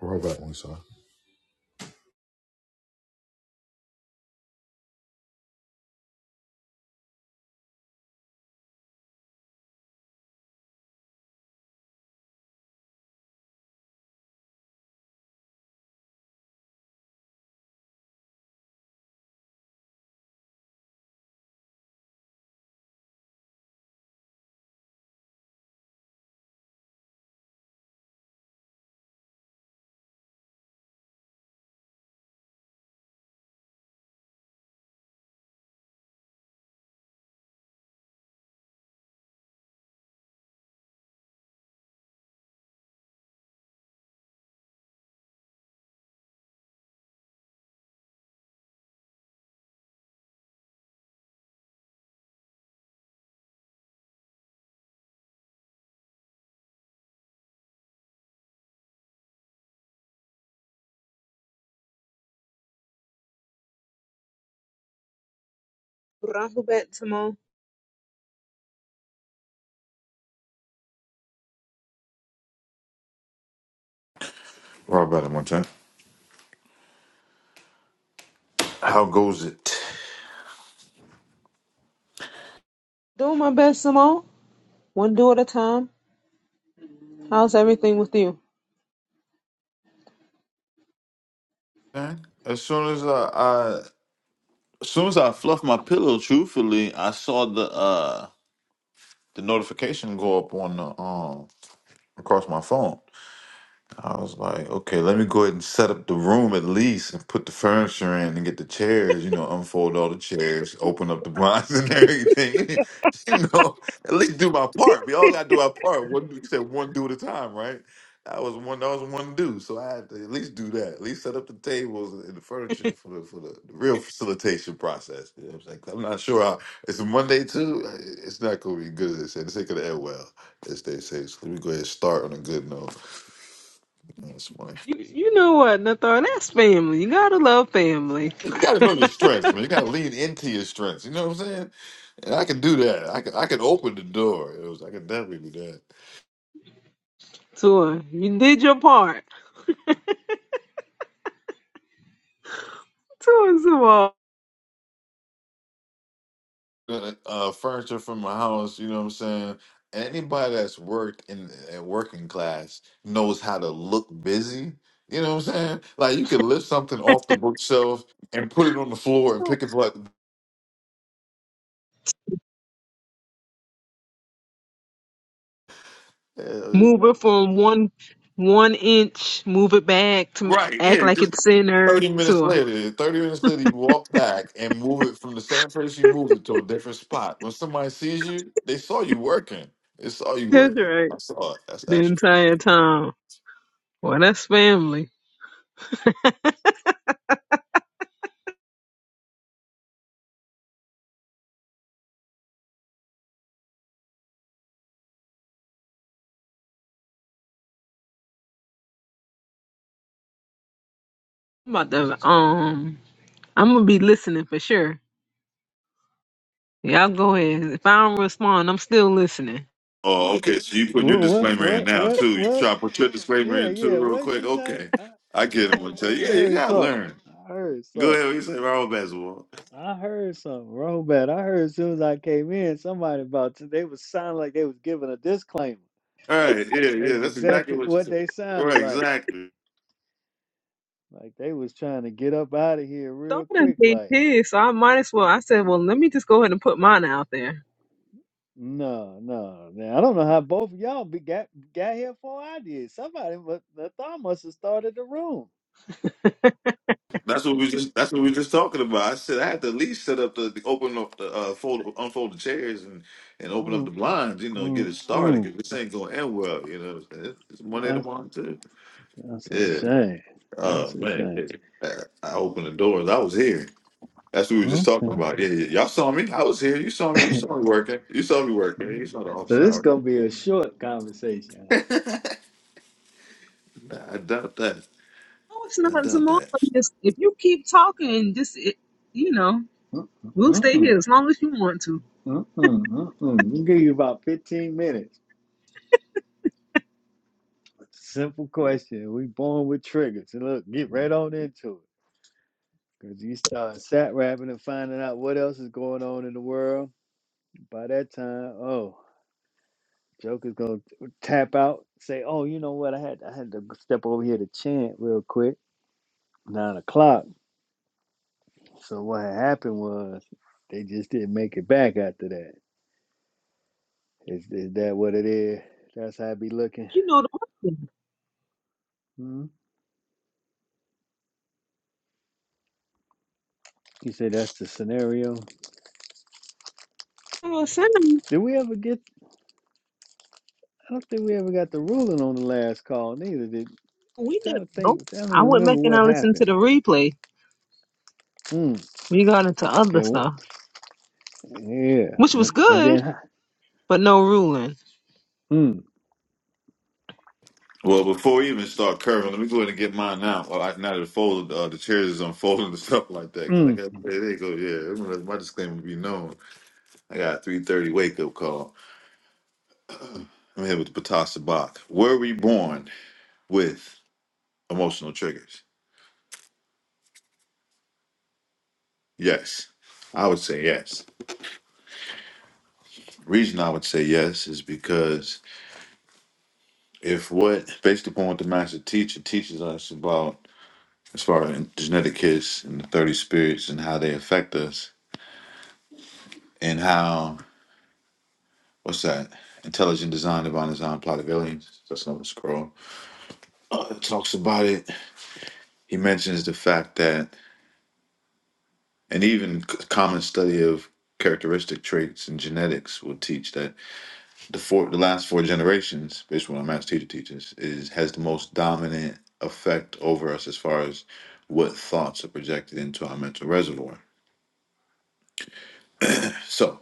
Roll back one time. Rahubat Simone. Well, back one time. How goes it? Doing my best, Simone. One do at a time. How's everything with you? Okay. As soon as I, I as soon as I fluffed my pillow, truthfully, I saw the uh the notification go up on the um across my phone. I was like, okay, let me go ahead and set up the room at least and put the furniture in and get the chairs, you know, unfold all the chairs, open up the blinds and everything. you know, at least do my part. We all gotta do our part. One you said one do at a time, right? That was one that was one do. So I had to at least do that. At least set up the tables and the furniture for the for the real facilitation process. You know what I'm saying? 'Cause I'm not sure how it's a Monday too. It's not gonna be good as they said. This ain't gonna end well, as they say. So let me go ahead and start on a good note. That's why You, you know what, Nathar? That's family. You gotta love family. you got to know your strengths, man. You got to lean into your strengths. You know what I'm saying? And I can do that. I can I can open the door. It was I can definitely do that. Tua, you did your part. Tua, Uh, uh, furniture from my house. You know what I'm saying? Anybody that's worked in a working class knows how to look busy. You know what I'm saying? Like you can lift something off the bookshelf and put it on the floor and Simone. pick it Move up. it from one one inch, move it back to Right. act Yeah. like Just it's center. thirty minutes Tua. later. Thirty minutes later, you walk back and move it from the same place you moved it to a different spot. When somebody sees you, they saw you working. They saw you That's working. right. I saw it. That's The actually. entire time. Well, that's family. I'm about to, um, I'm gonna be listening for sure. Y'all go ahead. If I don't respond, I'm still listening. Oh, okay. So you putting your What? What? disclaimer in What? now What? too. You What? try to put your disclaimer Yeah, in yeah. too, real What quick. she say? Okay, I, I, I get him. I I Tell I you, yeah, you heard gotta something. learn. I heard Go something. ahead. What you say, Robert Basketball? I heard something. Wrong bad. I heard as soon as I came in, somebody about to, they was sounding like they was giving a disclaimer. All right. Yeah, yeah. That's That's exactly exactly what you what said. they sounded Right. like. Exactly. Like they was trying to get up out of here real Donna quick. made Like, his, so I might as well. I said, well, let me just go ahead and put mine out there. no, no, man. I don't know how both of y'all be got got here before I did. Somebody, but the thought must have started the room. That's what we just. That's what we just talking about. I said I had to at least set up the, the open up the uh, fold, unfold the chairs and and open up the Mm, blinds. You know, get it started mm, because this ain't going to end well. You know, what I'm saying? it's mm. Monday tomorrow too. That's a Yeah. shame. Oh That's a man, shame. yeah. I opened the doors. I was here. That's what we were just talking Okay. about. Yeah, yeah. Y'all saw me. I was here. You saw me. You saw me working. You saw me working. You saw the office so this hours. gonna be a short conversation. I doubt that. No, it's not I doubt Zamora. that. Just if you keep talking, just it, you know, Mm-mm, we'll stay mm-mm, here as long as you want to. mm-mm, mm-mm. We give you about fifteen minutes. Simple question. We born with triggers. And look, get right on into it. Cause you start sat rapping and finding out what else is going on in the world. By that time, oh, Joker's gonna tap out. Say, oh, you know what? I had I had to step over here to chant real quick. Nine o'clock. So what had happened was they just didn't make it back after that. Is is that what it is? That's how I be looking. You know the audience. Hmm? You say that's the scenario. Oh, Sam, Did we ever get? I don't think we ever got the ruling on the last call neither. Did I'm we never trying to know. think. I don't I went remember back and what I listened to happened. the replay. Hmm. We got into other And stuff, wh- yeah. which was And and then. good, huh, but no ruling. Hmm. Well, before we even start curving, let me go ahead and get mine now. Well, I, now that the fold, uh, the chairs is unfolding and stuff like that. Cause Hmm. like I said, they go, yeah. I'm gonna let My disclaimer be known. I got a 3:30 wake up call. I'm here with the Patasa Bach. Were we born with emotional triggers? Yes, I would say yes. Reason I would say yes is because if what, based upon what the master teacher teaches us about as far as genetic kids and the 30 spirits and how they affect us and how what's that? Intelligent Design, Divine Design, Plot of Aliens. That's another scroll. Uh, it talks about it. He mentions the fact that, and even c- common study of characteristic traits and genetics will teach that the four, the last four generations, based on what my math teacher teaches, is has the most dominant effect over us as far as what thoughts are projected into our mental reservoir. So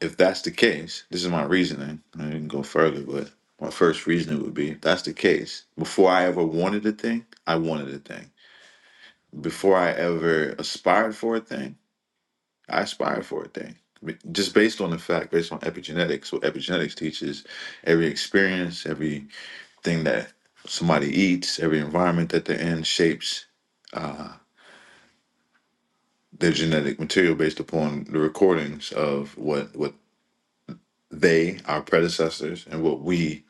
if that's the case, this is my reasoning. I didn't go further, but my first reasoning would be if that's the case, before I ever wanted a thing, I wanted a thing. Before I ever aspired for a thing, I aspired for a thing. Just based on the fact, based on epigenetics, what epigenetics teaches every experience, everything that somebody eats, every environment that they're in shapes their genetic material based upon the recordings of what what they, our predecessors, and what we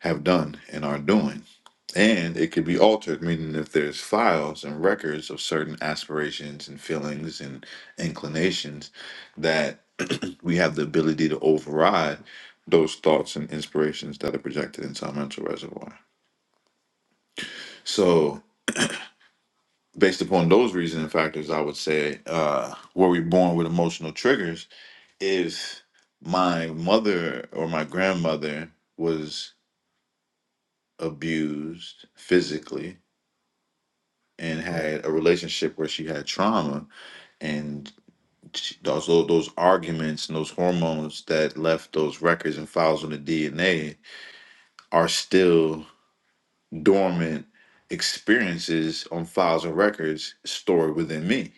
have done and are doing. And it could be altered, meaning if there's files and records of certain aspirations and feelings and inclinations that we have the ability to override those thoughts and inspirations that are projected into our mental reservoir. So, based upon those reasoning factors, I would say, uh, were we born with emotional triggers? If my mother or my grandmother was abused physically, and had a relationship where she had trauma and she, those those arguments and those hormones that left those records and files on the DNA are still dormant experiences on files and records stored within me.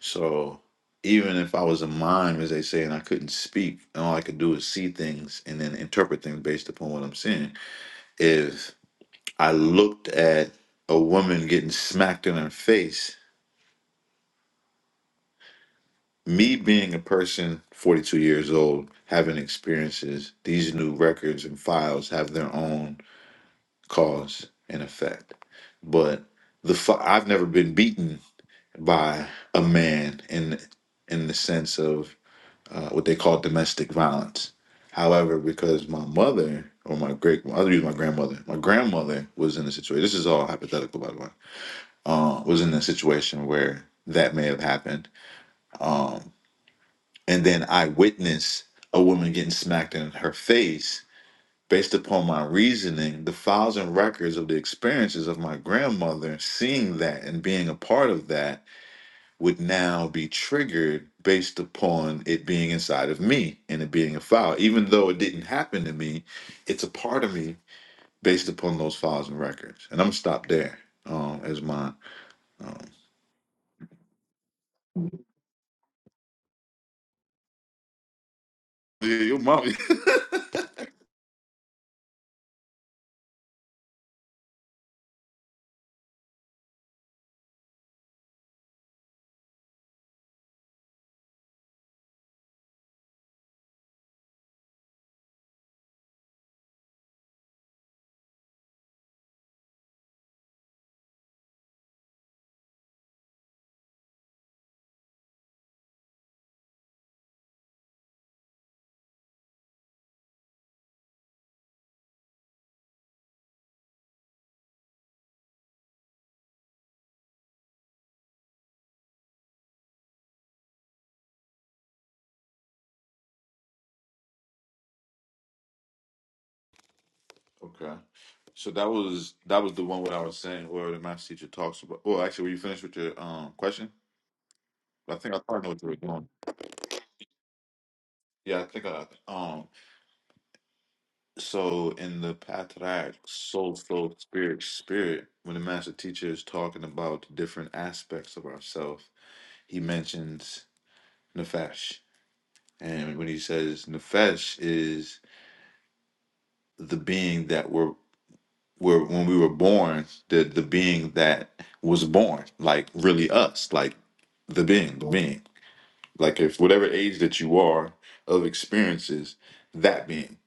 So even if I was a mime, as they say, and I couldn't speak, and all I could do is see things and then interpret things based upon what I'm seeing. If I looked at a woman getting smacked in her face me being a person 42 years old having experiences these new records and files have their own cause and effect but the fi- i've never been beaten by a man in in the sense of uh, what they call domestic violence however because my mother or my great i'll use my grandmother my grandmother was in a situation this is all hypothetical by the way uh, was in a situation where that may have happened Um, and then I witness a woman getting smacked in her face based upon my reasoning, the files and records of the experiences of my grandmother seeing that and being a part of that would now be triggered based upon it being inside of me and it being a file. Even though it didn't happen to me, it's a part of me based upon those files and records. And I'm gonna stop there um, as my um, yeah, your mom. Okay. So that was that was the one what I was saying where the math teacher talks about well actually were you finished with your um question? I think I probably know what you were going. Yeah, I think I um so in the Patriarch Soul Flow Spirit Spirit, when the master teacher is talking about different aspects of ourself, he mentions Nefesh. And when he says Nefesh is the being that we're we when we were born, the the being that was born, like really us. Like the being, the being. Like if whatever age that you are of experiences, that being,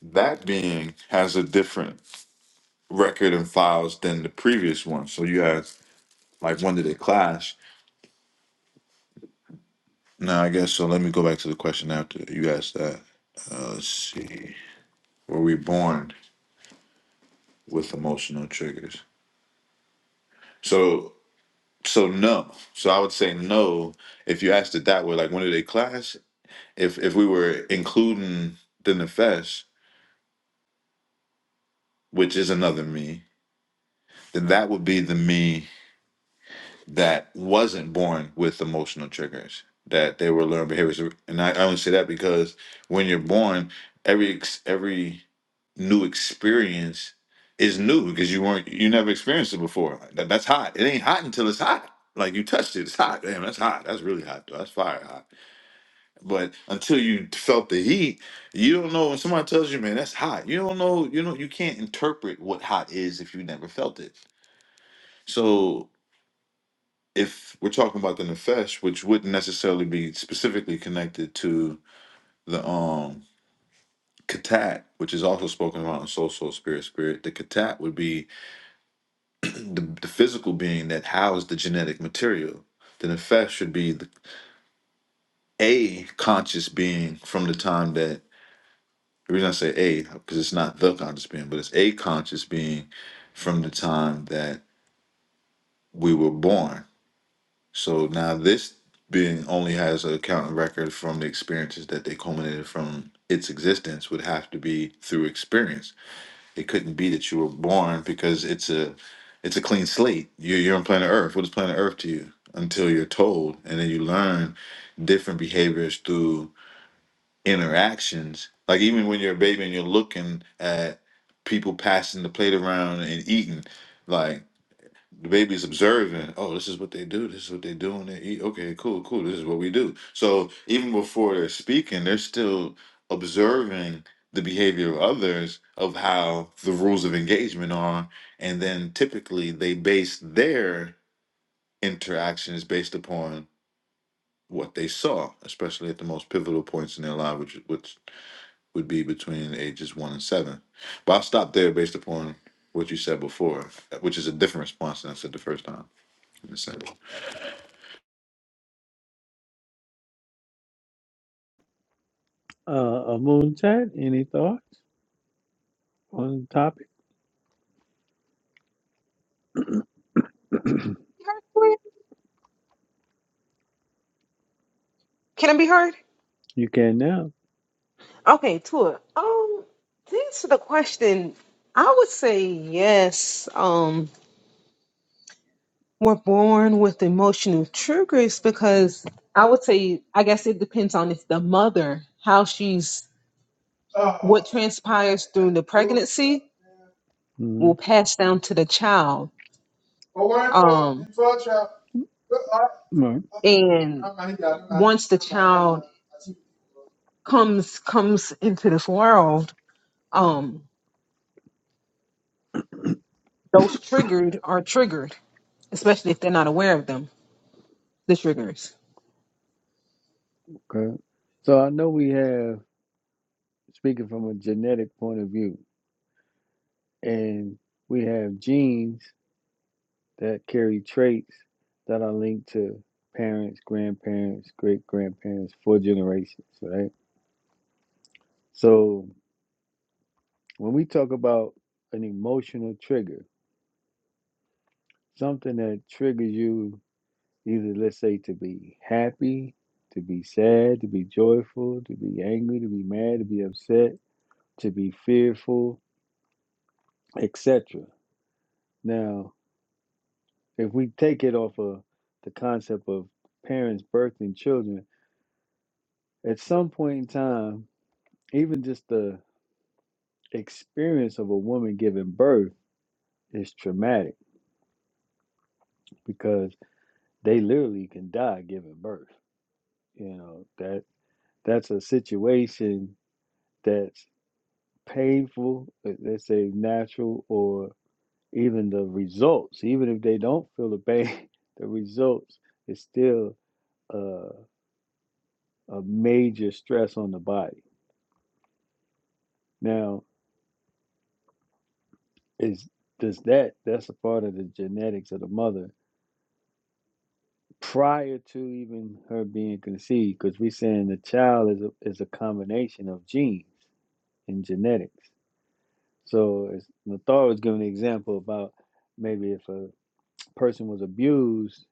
that being has a different record and files than the previous one. So you had like when did they clash? Now I guess so. Let me go back to the question after you asked that. Uh, let's see. Were we born with emotional triggers? So so no. So I would say no. If you asked it that way, like when did they clash? If if we were including the nefesh, which is another me, that would be the me that wasn't born with emotional triggers that they were learned behaviors and i I only say that because when you're born every ex- every new experience is new because you weren't you never experienced it before Like, that, that's hot it ain't hot until it's hot like you touched it it's hot damn that's hot that's really hot though. that's fire hot but until you felt the heat you don't know when somebody tells you man that's hot you don't know you know you can't interpret what hot is if you never felt it so if we're talking about the nefesh, which wouldn't necessarily be specifically connected to the um katat, which is also spoken about in soul, soul, spirit, spirit, the katat would be the, the physical being that housed the genetic material. The nefesh should be the a conscious being from the time that the reason I say a because it's not the conscious being, but it's a conscious being from the time that we were born So now this being only has an accountant record from the experiences that they culminated from its existence would have to be through experience. It couldn't be that you were born because it's a it's a clean slate. You're, you're on planet Earth. What is planet Earth to you? Until you're told, and then you learn different behaviors through interactions. Like even when you're a baby and you're looking at people passing the plate around and eating, like. The baby's observing, oh, this is what they do, this is what they do, and they eat. Okay, cool, cool, this is what we do. So even before they're speaking, they're still observing the behavior of others of how the rules of engagement are. And then typically they base their interactions based upon what they saw, especially at the most pivotal points in their life, which, which would be between ages one and seven. But I'll stop there based upon what you said before, which is a different response than I said the first time. in a sense. Uh, a moon chat. Any thoughts on the topic? Heard, Tori? Can it be heard? you can now. Okay, Tua. Um, to answer the question, I would say yes. Um, were born with emotional triggers because I would say, I guess it depends on if the mother, how she's, what transpires through the pregnancy Hmm. will pass down to the child. Um, Right. and once the child comes comes into this world, um, those triggered are triggered, especially if they're not aware of them. The triggers. Okay. So I know we have. speaking from a genetic point of view. And we have genes that carry traits that are linked to parents, grandparents, great grandparents, four generations, right? So when we talk about an emotional trigger, something that triggers you either, let's say, to be happy, to be sad, to be joyful, to be angry, to be mad, to be upset, to be fearful, etc. Now, if we take it off of the concept of parents birthing children, at some point in time, even just the experience of a woman giving birth is traumatic because they literally can die giving birth. You know, that that's a situation that's painful, uh, let's say natural, or even the results, even if they don't feel the pain, the results is still uh, a major stress on the body. Now, is does that that's a part of the genetics of the mother prior to even her being conceived because we're saying the child is a, is a combination of genes and genetics so as Nathar was giving an example about maybe if a person was abused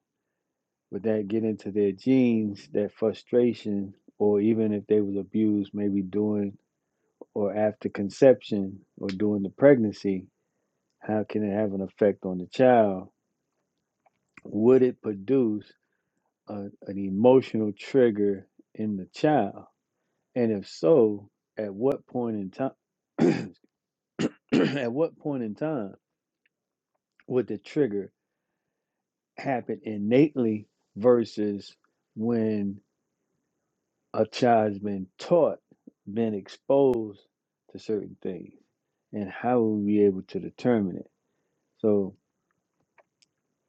would that get into their genes that frustration or even if they was abused maybe during or after conception or during the pregnancy how can it have an effect on the child would it produce a, an emotional trigger in the child? And if so, at what point in time at what point in time would the trigger happen innately versus when a child's been taught, been exposed to certain things? And how will we be able to determine it? So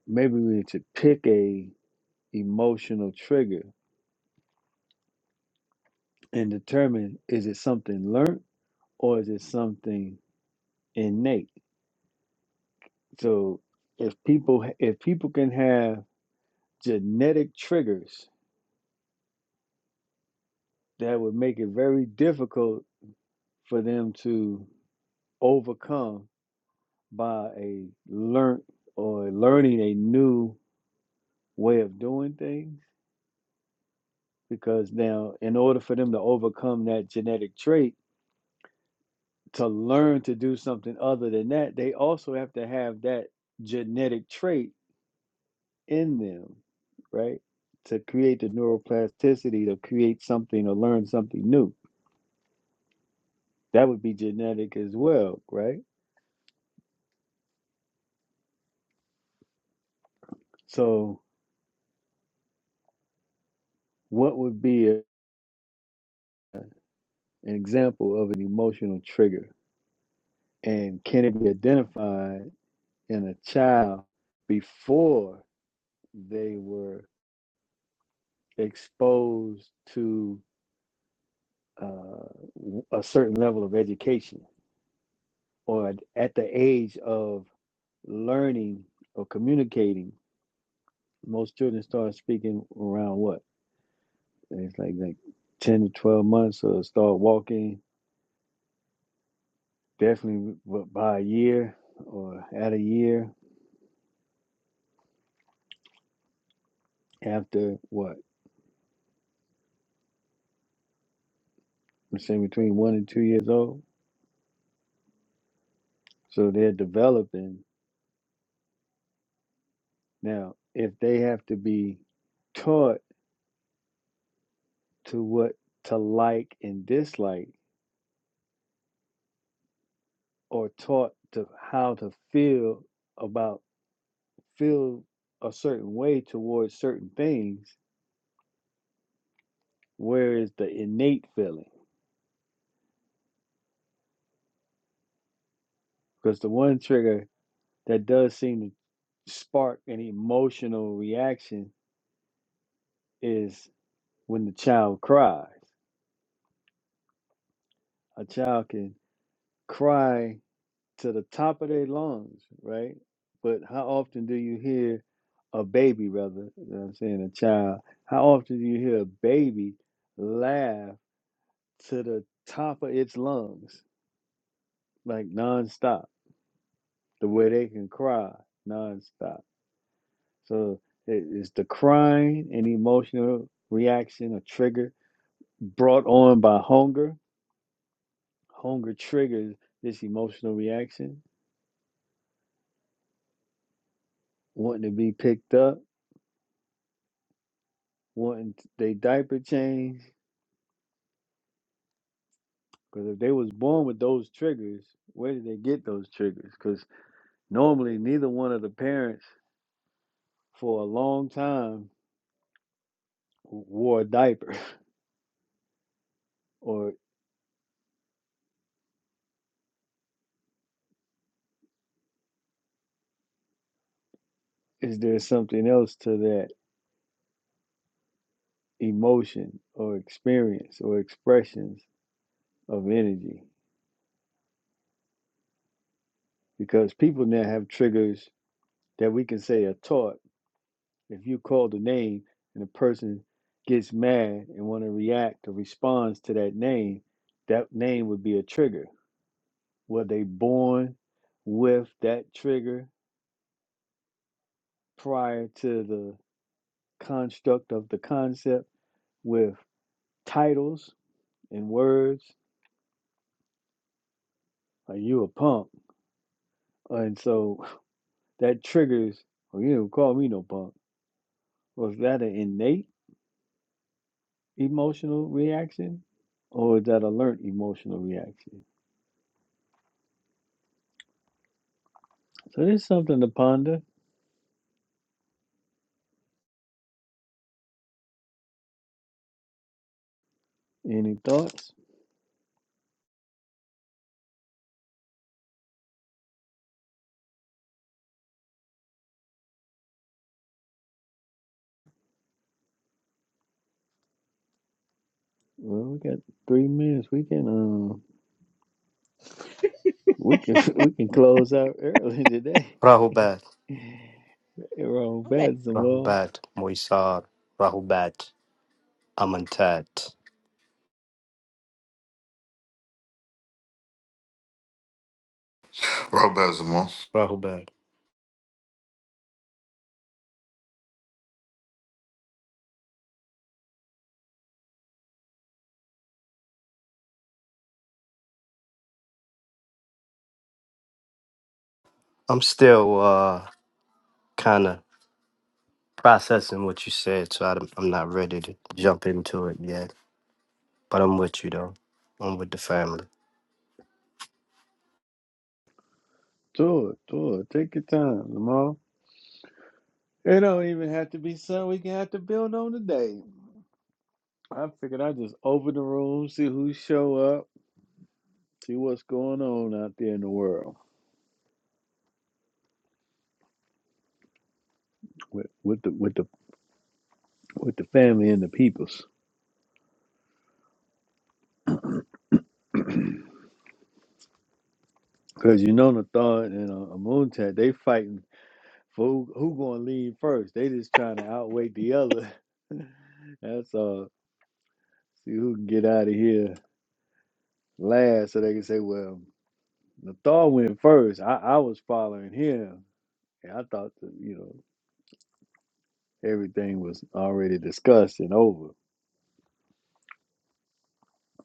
maybe we need to pick a emotional trigger and determine is it something learned or is it something innate? So if people if people can have genetic triggers that would make it very difficult for them to overcome by a learnt or learning a new way of doing things because now in order for them to overcome that genetic trait to learn to do something other than that they also have to have that genetic trait in them, right? To create the neuroplasticity to create something or learn something new. That would be genetic as well, right? So, what would be a, an example of an emotional trigger? And can it be identified in a child before they were exposed to uh, w- a certain level of education or at at the age of learning or communicating? most children start speaking around what? It's like like ten to twelve months, or start walking definitely b- by a year or at a year after what? I'm saying between one and two years old. So they're developing now. If they have to be taught to what to like and dislike, or taught to how to feel about feel a certain way towards certain things, where is the innate feeling? Because the one trigger that does seem to spark an emotional reaction is when the child cries. A child can cry to the top of their lungs, right? But how often do you hear a baby, rather, you know what I'm saying, a child, how often do you hear a baby laugh to the top of its lungs, like nonstop, the way they can cry nonstop? So it is the crying and emotional reaction or trigger brought on by hunger. Hunger triggers this emotional reaction, wanting to be picked up, wanting t- they diaper changed. Because if they was born with those triggers, where did they get those triggers? Because normally neither one of the parents for a long time wore a diaper. Or is there something else to that emotion or experience or expressions of energy? because people now have triggers that we can say are taught. If you call the name and the person gets mad and want to react or responds to that name, that name would be a trigger. Were they born with that trigger prior to the construct of the concept with titles and words? Like you a punk. And so that triggers, or you do not call me no punk. Was that an innate? emotional reaction, or is that alert emotional reaction? So there's something to ponder. Any thoughts? Well, we got three minutes. We can um we can we can close out early today. Rahubat, Around bad Zamal. Rahubat, Moisar, Rahubat, Amantat, Rob Bezimo. Rahubat. I'm still uh, kind of processing what you said, so I, I'm not ready to jump into it yet. But I'm with you, though. I'm with the family. Tour, tour, take your time, Zamal. It don't even have to be something we can have to build on today. I figured I'd just open the room, see who show up, see what's going on out there in the world with, with the with the with the family and the peoples. Because you know Nathan and uh, Amun they fighting for who, who going to lead first. They just trying to outweigh the other. That's all. See who can get out of here last, so they can say, "Well, Nathan went first. I, I was following him, and I thought that you know everything was already discussed and over."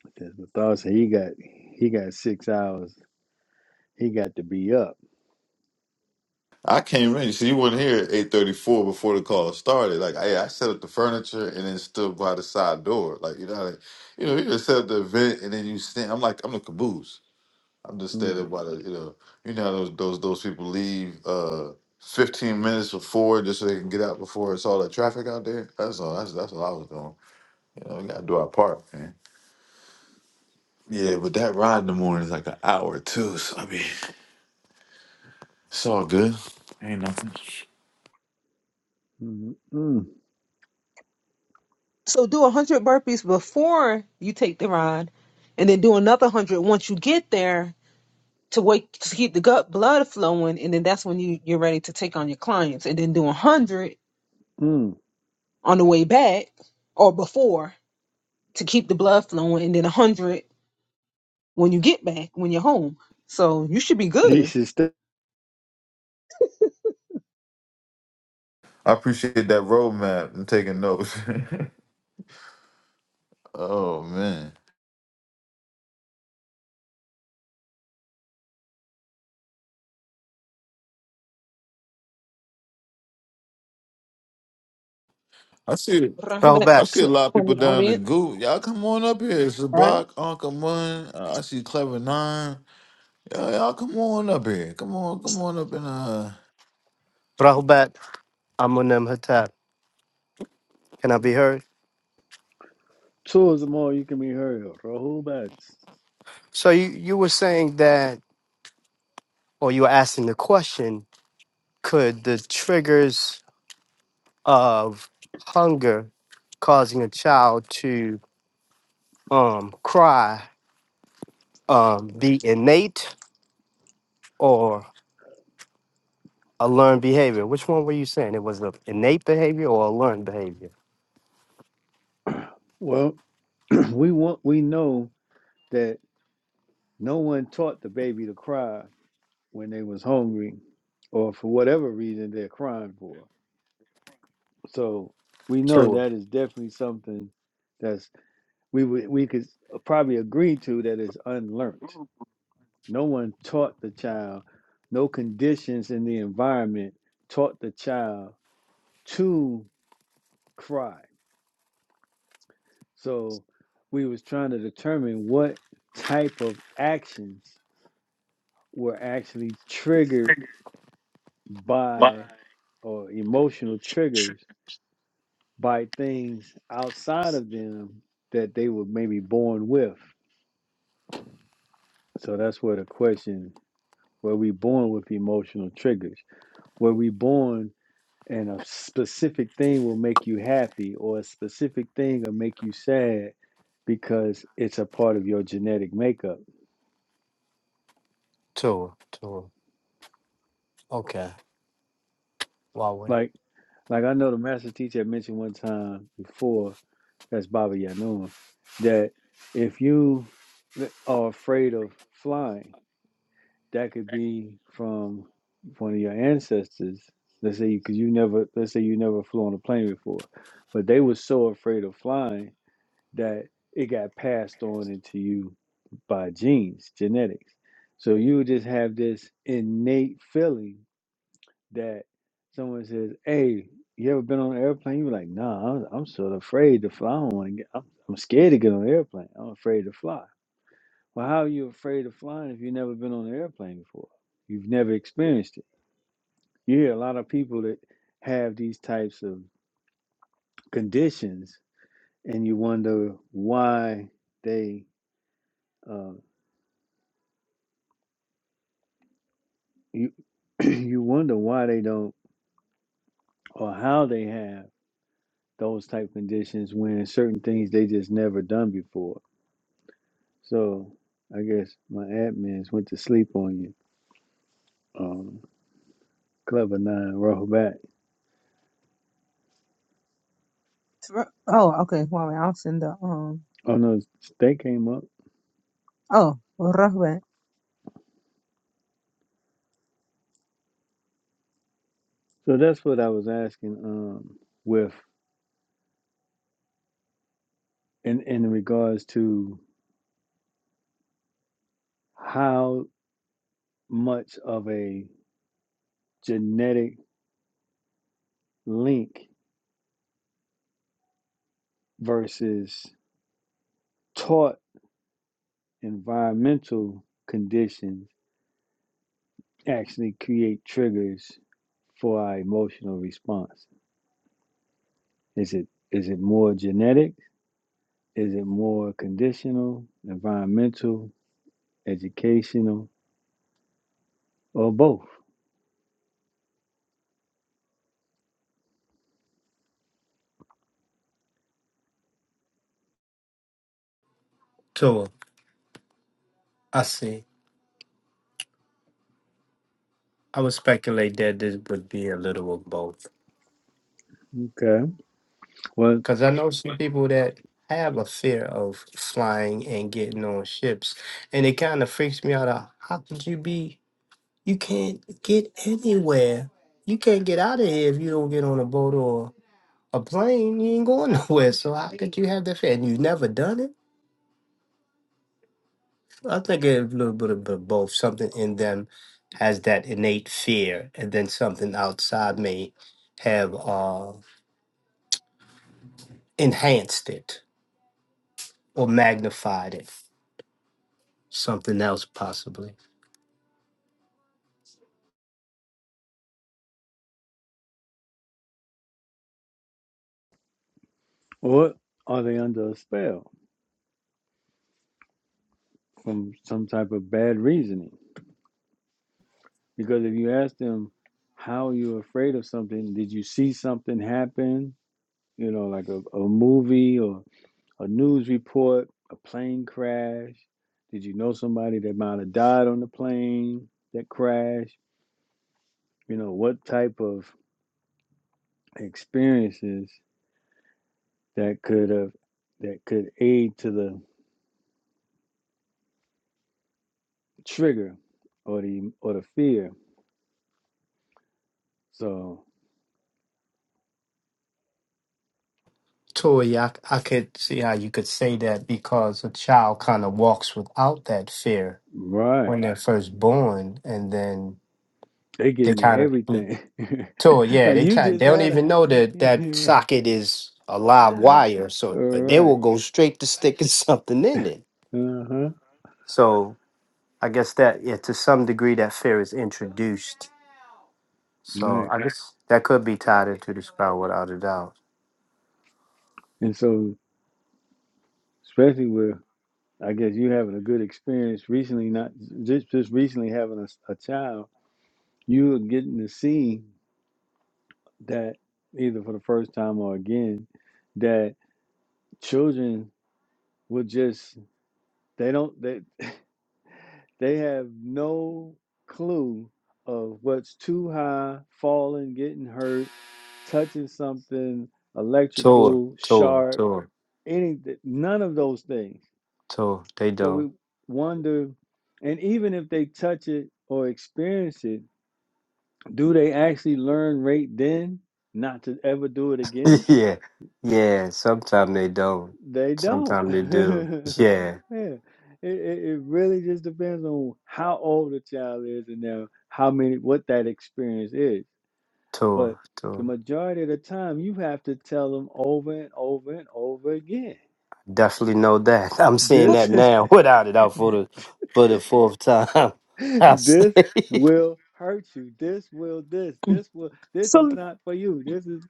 But then Nathan said he got he got six hours. He got to be up. I came in. See, you weren't here at eight thirty four before the call started. Like, I, I set up the furniture and then stood by the side door. Like, you know, like, you know, you just set up the event and then you stand. I'm like, I'm the caboose. I'm just Mm, standing by the, you know, you know how those those those people leave uh fifteen minutes before just so they can get out before it's all that traffic out there. That's all. That's that's what I was doing. You know, we gotta do our part, man. Yeah, but that ride in the morning is like an hour too. So I mean, it's all good. Ain't nothing. mm, mm, So do a hundred burpees before you take the ride, and then do another hundred once you get there to wake to keep the gut blood flowing, and then that's when you you're ready to take on your clients, and then do a hundred mm. on the way back or before to keep the blood flowing, and then a hundred when you get back when you're home. So you should be He good. should step I appreciate that roadmap and taking notes. oh man, I see. Run back I Rahubat, see a to lot of people one down the audience, goo. Y'all come on up here. right? Sabak, Uncle Mun. Uh, I see Clever Nine. Y'all, y'all come on up here. Come on, come on up and uh. Rahubat, Amunem Hatat. Can I be heard? towards them all. You can be heard. Rahul Bats. So you, you were saying that, or you were asking the question, could the triggers of hunger causing a child to um, cry um, the innate or a learned behavior? Which one were you saying? It was the innate behavior or a learned behavior? Well, we want we know that no one taught the baby to cry when they was hungry or for whatever reason they're crying for. So we know Tua, that is definitely something that's we would we could probably agree to that is unlearned. No one taught the child, no conditions in the environment taught the child to cry. So we was trying to determine what type of actions were actually triggered by or emotional triggers by things outside of them that they were maybe born with. So that's where the question were we born with emotional triggers? Were we born and a specific thing will make you happy or a specific thing will make you sad because it's a part of your genetic makeup? Tua, Tua. Okay, Huawei. Like like I know the master teacher had mentioned one time before that's Baba Yanun, that if you are afraid of flying, that could be from one of your ancestors. Let's say because you never, let's say you never flew on a plane before, but they were so afraid of flying that it got passed on into you by genes, genetics. So you would just have this innate feeling that someone says, "Hey, you ever been on an airplane?" You're like, "Nah, I'm, I'm sort of afraid to fly. I don't want to get. I'm, I'm scared to get on an airplane. I'm afraid to fly." Well, how are you afraid of flying if you've never been on an airplane before? You've never experienced it. You hear a lot of people that have these types of conditions, and you wonder why they uh, you you wonder why they don't or how they have those type conditions when certain things they just never done before So I guess my admins went to sleep on you. Um, Clever Nine, roll back. Thro- Oh, okay. Well, I'll send the um. Oh no, they came up. Oh, Rahman. So that's what I was asking. Um, with in in regards to how much of a genetic link versus taught environmental conditions actually create triggers for our emotional response. Is it is it more genetic? Is it more conditional, environmental, educational, or both? Tua. I see. I would speculate that this would be a little of both. Okay. Well, Because I know some people that have a fear of flying and getting on ships. And it kind of freaks me out. uh, How could you be? You can't get anywhere. You can't get out of here if you don't get on a boat A plane, you ain't going nowhere. So how could you have that fear? And you've never done it? I think a little bit of b- both. Something in them has that innate fear, and then something outside may have uh, enhanced it or magnified it. Something else, possibly. or are they under a spell from some type of bad reasoning? Because if you ask them how you're afraid of something, did you see something happen? You know, like a, a movie or a news report, a plane crash. Did you know somebody that might have died on the plane that crashed? You know, what type of experiences that could have that could aid to the trigger or the or the fear. So Tori, I, I could see how you could say that because a child kind of walks without that fear right, when they're first born, and then they they getting to kind of. everything. Tour, yeah, like they you try. just They don't had a even know that that socket is a live wire, all so but they right, will go straight to sticking something in it. uh huh, So I guess that, yeah, to some degree, that fear is introduced. So right. I guess that could be tied into the sprout without a doubt. And so especially with I guess you having a good experience recently, not just just recently having a a child, you are getting to see that either for the first time or again that children will just They don't they they have no clue of what's too high, falling, getting hurt, touching something Tour, electrical, tour, sharp, tour, any none of those things. tour. They So don't. we wonder and even if they touch it or experience it, do they actually learn right then not to ever do it again? yeah, yeah. Sometimes they don't. They don't. Sometimes they do. Yeah, Yeah. It, it, it really just depends on how old the child is and their, how many what that experience is. But tour, the tour. majority of the time, you have to tell them over and over and over again. Definitely know that. I'm seeing But This, that now without it out for the for the fourth time. I say, this will hurt you. This will this. This will. This is so not for you. This is.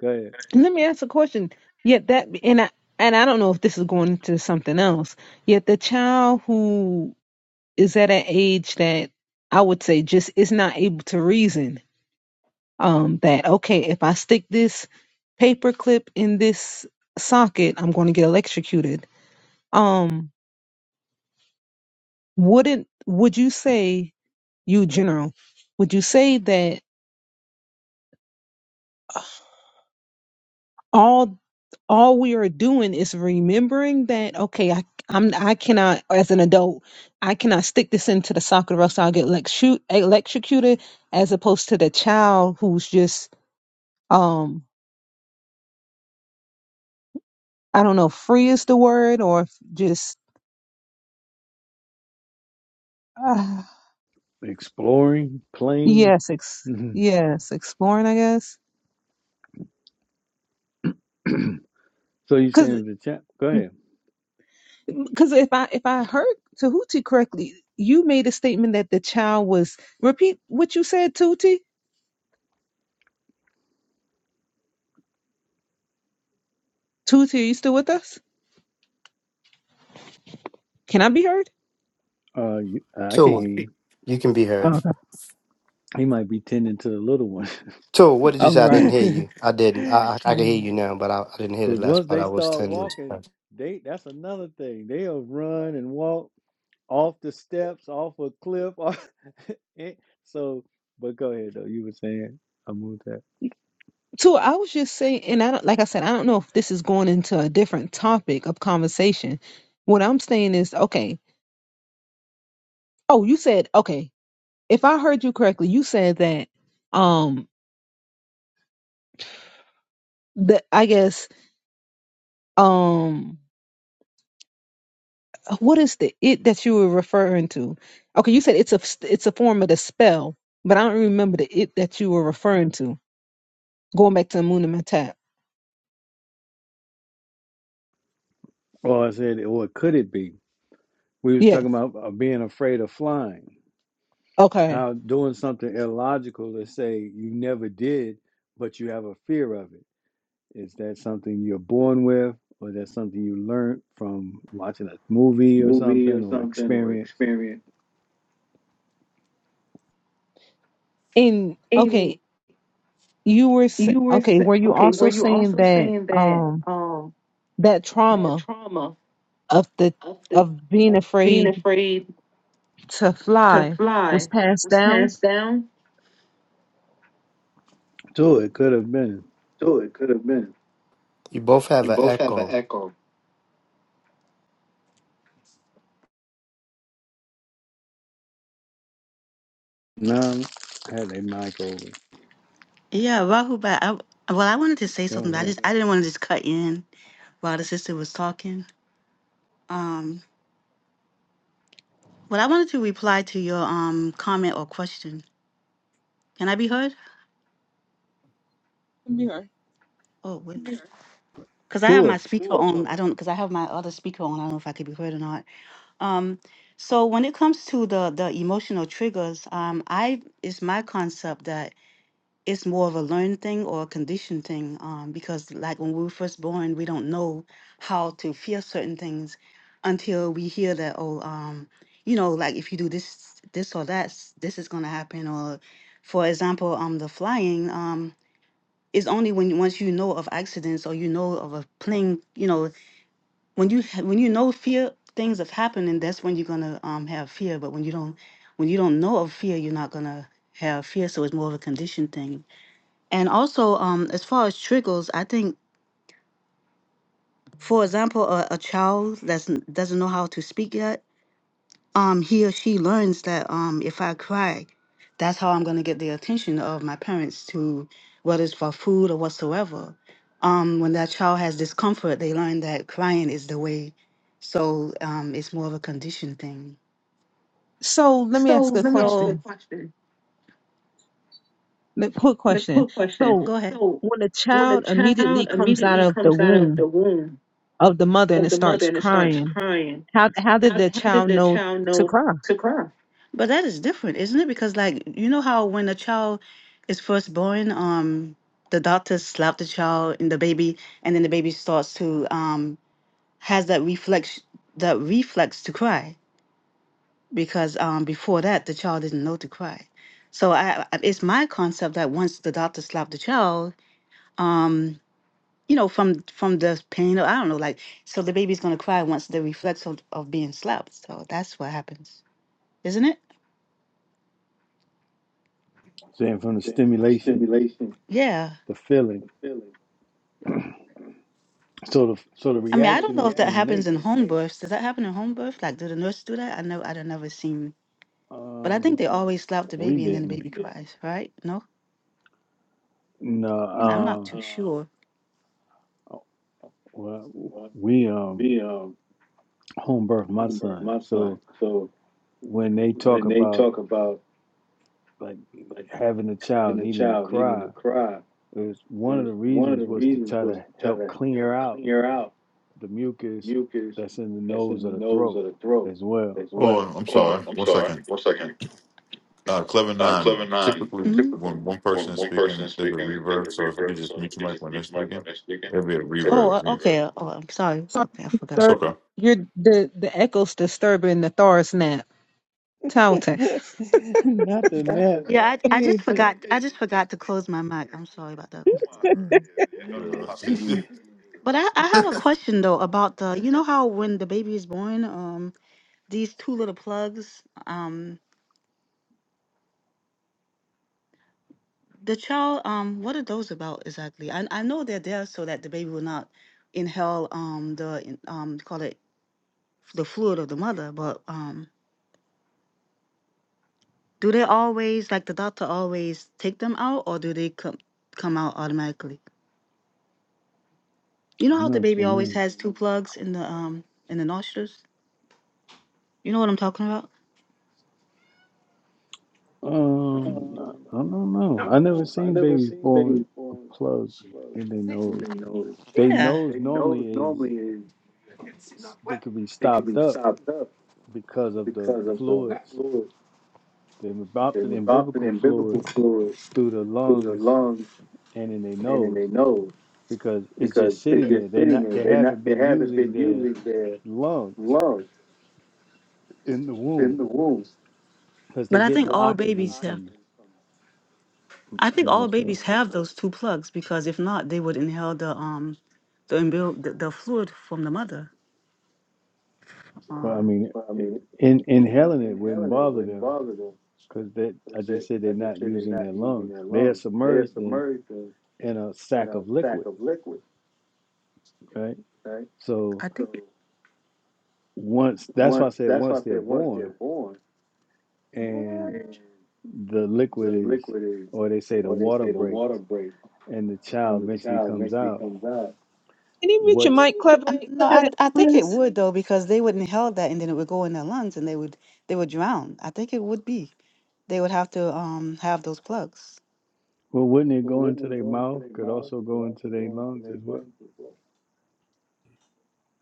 Go ahead. let me ask a question. Yet that and I and I don't know if this is going into something else. Yet the child is at an age that I would say just is not able to reason um, that okay, if I stick this paper clip in this socket, I'm going to get electrocuted. Um, wouldn't would you say you general? Would you say that all all we are doing is remembering that okay, I I'm I cannot as an adult I cannot stick this into the socket or else I'll get electro- electrocuted, as opposed to the child who's just um I don't know if free is the word or if just uh, Exploring, playing. yes, ex- Mhm. yes, exploring, I guess. so you Cuz saying the chat? Go ahead. cuz if I if I heard Tahuti correctly, you made a statement that the child was repeat what you said, Tuti. Tuti, are you still with us? Can I be heard? Uh, you, I can Tua, hear you. you can be Oh, heard. okay. He might be tending to the little one. Tua, what did you All say? I right. didn't hear you. I didn't. I I, I can hear you now, but I, I didn't hear Because the last once part. they I was start ten. walking, they that's another thing. They'll run and walk off the steps, off a cliff. off- eh, so, but go ahead though. You were saying I moved that. So I was just saying, and I don't, like I said, I don't know if this is going into a different topic of conversation. What I'm saying is, okay. Oh, you said okay. If I heard you correctly, you said that. Um, the I guess um what is the it that you were referring to? Okay, you said it's a it's a form of the spell, but I don't remember the it that you were referring to. Going back to Amunamatap. Well, I said, well, what could it be? We was Yes. talking about uh, being afraid of flying. Okay. How doing something illogical to say you never did, but you have a fear of it Is that something you're born with, or is that something you learned from watching a movie or movie or something or something or experience? experience. And okay, And you were s- you were okay. sa- Were you okay. Were also you saying also that saying that um um that that trauma trauma of the of the of being of being afraid afraid to to fly was fly passed was down? passed down? Sure, it could have been. So it could have been. You both have You an both have an echo. echo. No, I had a mic over. Yeah, Rahubat. I, well, I wanted to say Oh something, but I man, just I didn't want to just cut in while the sister was talking. Um, well, I wanted to reply to your um comment or question. Can I be heard? Yeah. Oh, wait. because I have my sure. speaker Sure. on. I don't because I have my other speaker on. I don't know if I could be heard or not. Um, so when it comes to the the emotional triggers, um, I it's my concept that it's more of a learned thing or a conditioned thing. Um, because like when we were first born, we don't know how to feel certain things until we hear that oh um you know like if you do this this or that s- this is gonna happen or for example um the flying um is only when once you know of accidents or you know of a plane you know when you ha- when you know fear things have happening that's when you're gonna um have fear but when you don't when you don't know of fear you're not gonna have fear so it's more of a condition thing and also um as far as triggers i think for example a, a child that's n- doesn't know how to speak yet um he or she learns that um if I cry, that's how I'm gonna get the attention of my parents to whether it's for food or whatsoever. Um when that child has discomfort, they learn that crying is the way. So um it's more of a condition thing. So let me So ask a let me ask you a So question question. Ma- Quick The question. quick question. So, go ahead. So when a when a child immediately child comes out immediately of the comes out of womb the womb of the mother and of it the mother starts and it starts crying, crying. how how did How, the how did child the know child to know cry? to cry? But that is different, isn't it? Because like you know how when a child is first born, um, the doctor slap the child and the baby, and then the baby starts to um has that reflex that reflex to cry because um before that the child didn't know to cry. So I I- it's my concept that once the doctor slapped the child, um you know from from the pain or I don't know like so the baby's gonna cry once the reflex of, of being slapped. So that's what happens isn't it? Saying from the Yeah, from the stimulation, stimulation Yeah. the of feeling. feeling. So the so the So I mean, I so don't the reaction know is if that that happens innate. in is home that births. Does that happen in home birth? Like, do the nurses do that? I know I've never seen, but I think Um, they always slap the we baby and then the didn't. baby yeah. cries, right? No, I'm No, not No, too uh, sure. um, well, well, we um we um home birth my home birth son. my son. So So when they talk when they about talk about like like having a child having a needing to child needing to cry, cry, It was one of there's the one of the reasons was to reasons try was to to try help to clear help out clear out the the mucus mucus that's in the that's in nose or the the nose throat or the throat as as well. well. Hold on. I'm sorry. One second. Uh, Clever Nine. Typically, hmm when one person is speaking, there's a reverb. So if you could just mute your mic when they're speaking, there'll be a Oh, uh, reverb. okay. uh, Oh, I'm sorry. So, Okay, I It's forgot. third, okay. you're the the echo's disturbing the Thor's nap. Talton. Not the nap. Yeah, I, I He just ain't ju- forgot. I just forgot to close my mic. I'm sorry about that. Can Yeah. But I, I have a question though about the you know how when the baby is born, um, these two little plugs, um, the child, um, what are those about exactly? I I know they're there so that the baby will not inhale um the in- um call it the fluid of the mother, but um. Do they always like the doctor always take them out or do they come come out automatically? You know I'm how the not baby always familiar. has two plugs in the um in the nostrils? You know what I'm talking about? Um, Um, I I don't I know. I don't never know. I seen never babies seen born with babies born a plug well, in their nose. they nose. They Yeah. nose They nose normally is normally is they could be it can stopped be up stopped up because of the because of the fluids, fluid. the They was often imbibical in biblical fluid fluid through the through the lungs lungs and in their and in nose. their nose because it's because just it's sitting there. just They're sitting not there. they They haven't not they been haven't using been their using their lungs lungs. in the in womb the womb. because they're But I getting think the So all oxygen babies have. from the I think I'm all not sure. babies have those two plugs because if not, they would inhale the um the umbil- the, the fluid from the mother. Well, I Uh, mean, But I mean, in in, inhaling it wouldn't inhaling it bother wouldn't them bother them. because that But I they, just said they're I just not said they're using not their using lungs. their They're lungs. They're submerged in submerged in, in a in sack a of sack liquid, of liquid, right? right? So I So think. once that's why I once, said that's why once I they're said once they're born born, What? and and the liquid the is, liquid is, or they say the or they water say the water breaks breaks, and the child and the eventually child comes eventually out. comes out. you mute your What's mic, Clever? I, money. no, I I think it Please would though because they wouldn't inhale that and then it would go in their lungs and they would they would drown. I think it would be. They would have to um have those plugs. Well, wouldn't it Well, go into wouldn't it their go into mouth? their Could mouth, also but go into also their go into lungs their as well. lungs as well?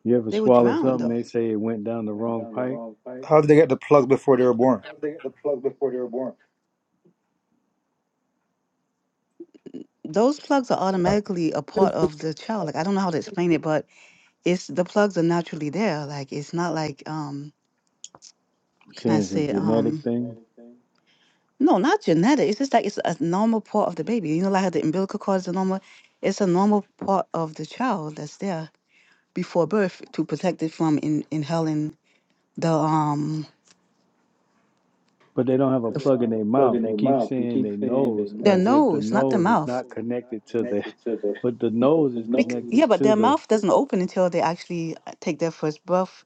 You ever They would swallow drown though. something? They swallow say it something, went they say down it the went wrong down the pipe. wrong pipe. How did they get the plugs before they were born? How did they get the plug before they were born? Those plugs are automatically a part of the child. Like I don't know how to explain it, but it's the plugs are naturally there. Like it's not like um what can I Saying it's a say Like um a genetic Um thing, genetic thing? No, not genetic. It's just like it's a normal part of the baby. You know, like how the umbilical cord is a normal, it's a normal part of the child that's there before birth to protect it from in, inhaling the um but they don't have a So the, they f- plug don't in have a their plug mouth. in You their keep mouth. You saying keep they saying their nose their as nose, if the nose, but not the their nose is mouth. nose not is not connected to the, connected to the, but the but nose the is Bec- nose. yeah, connected but to their the mouth doesn't open until they actually uh, take their first breath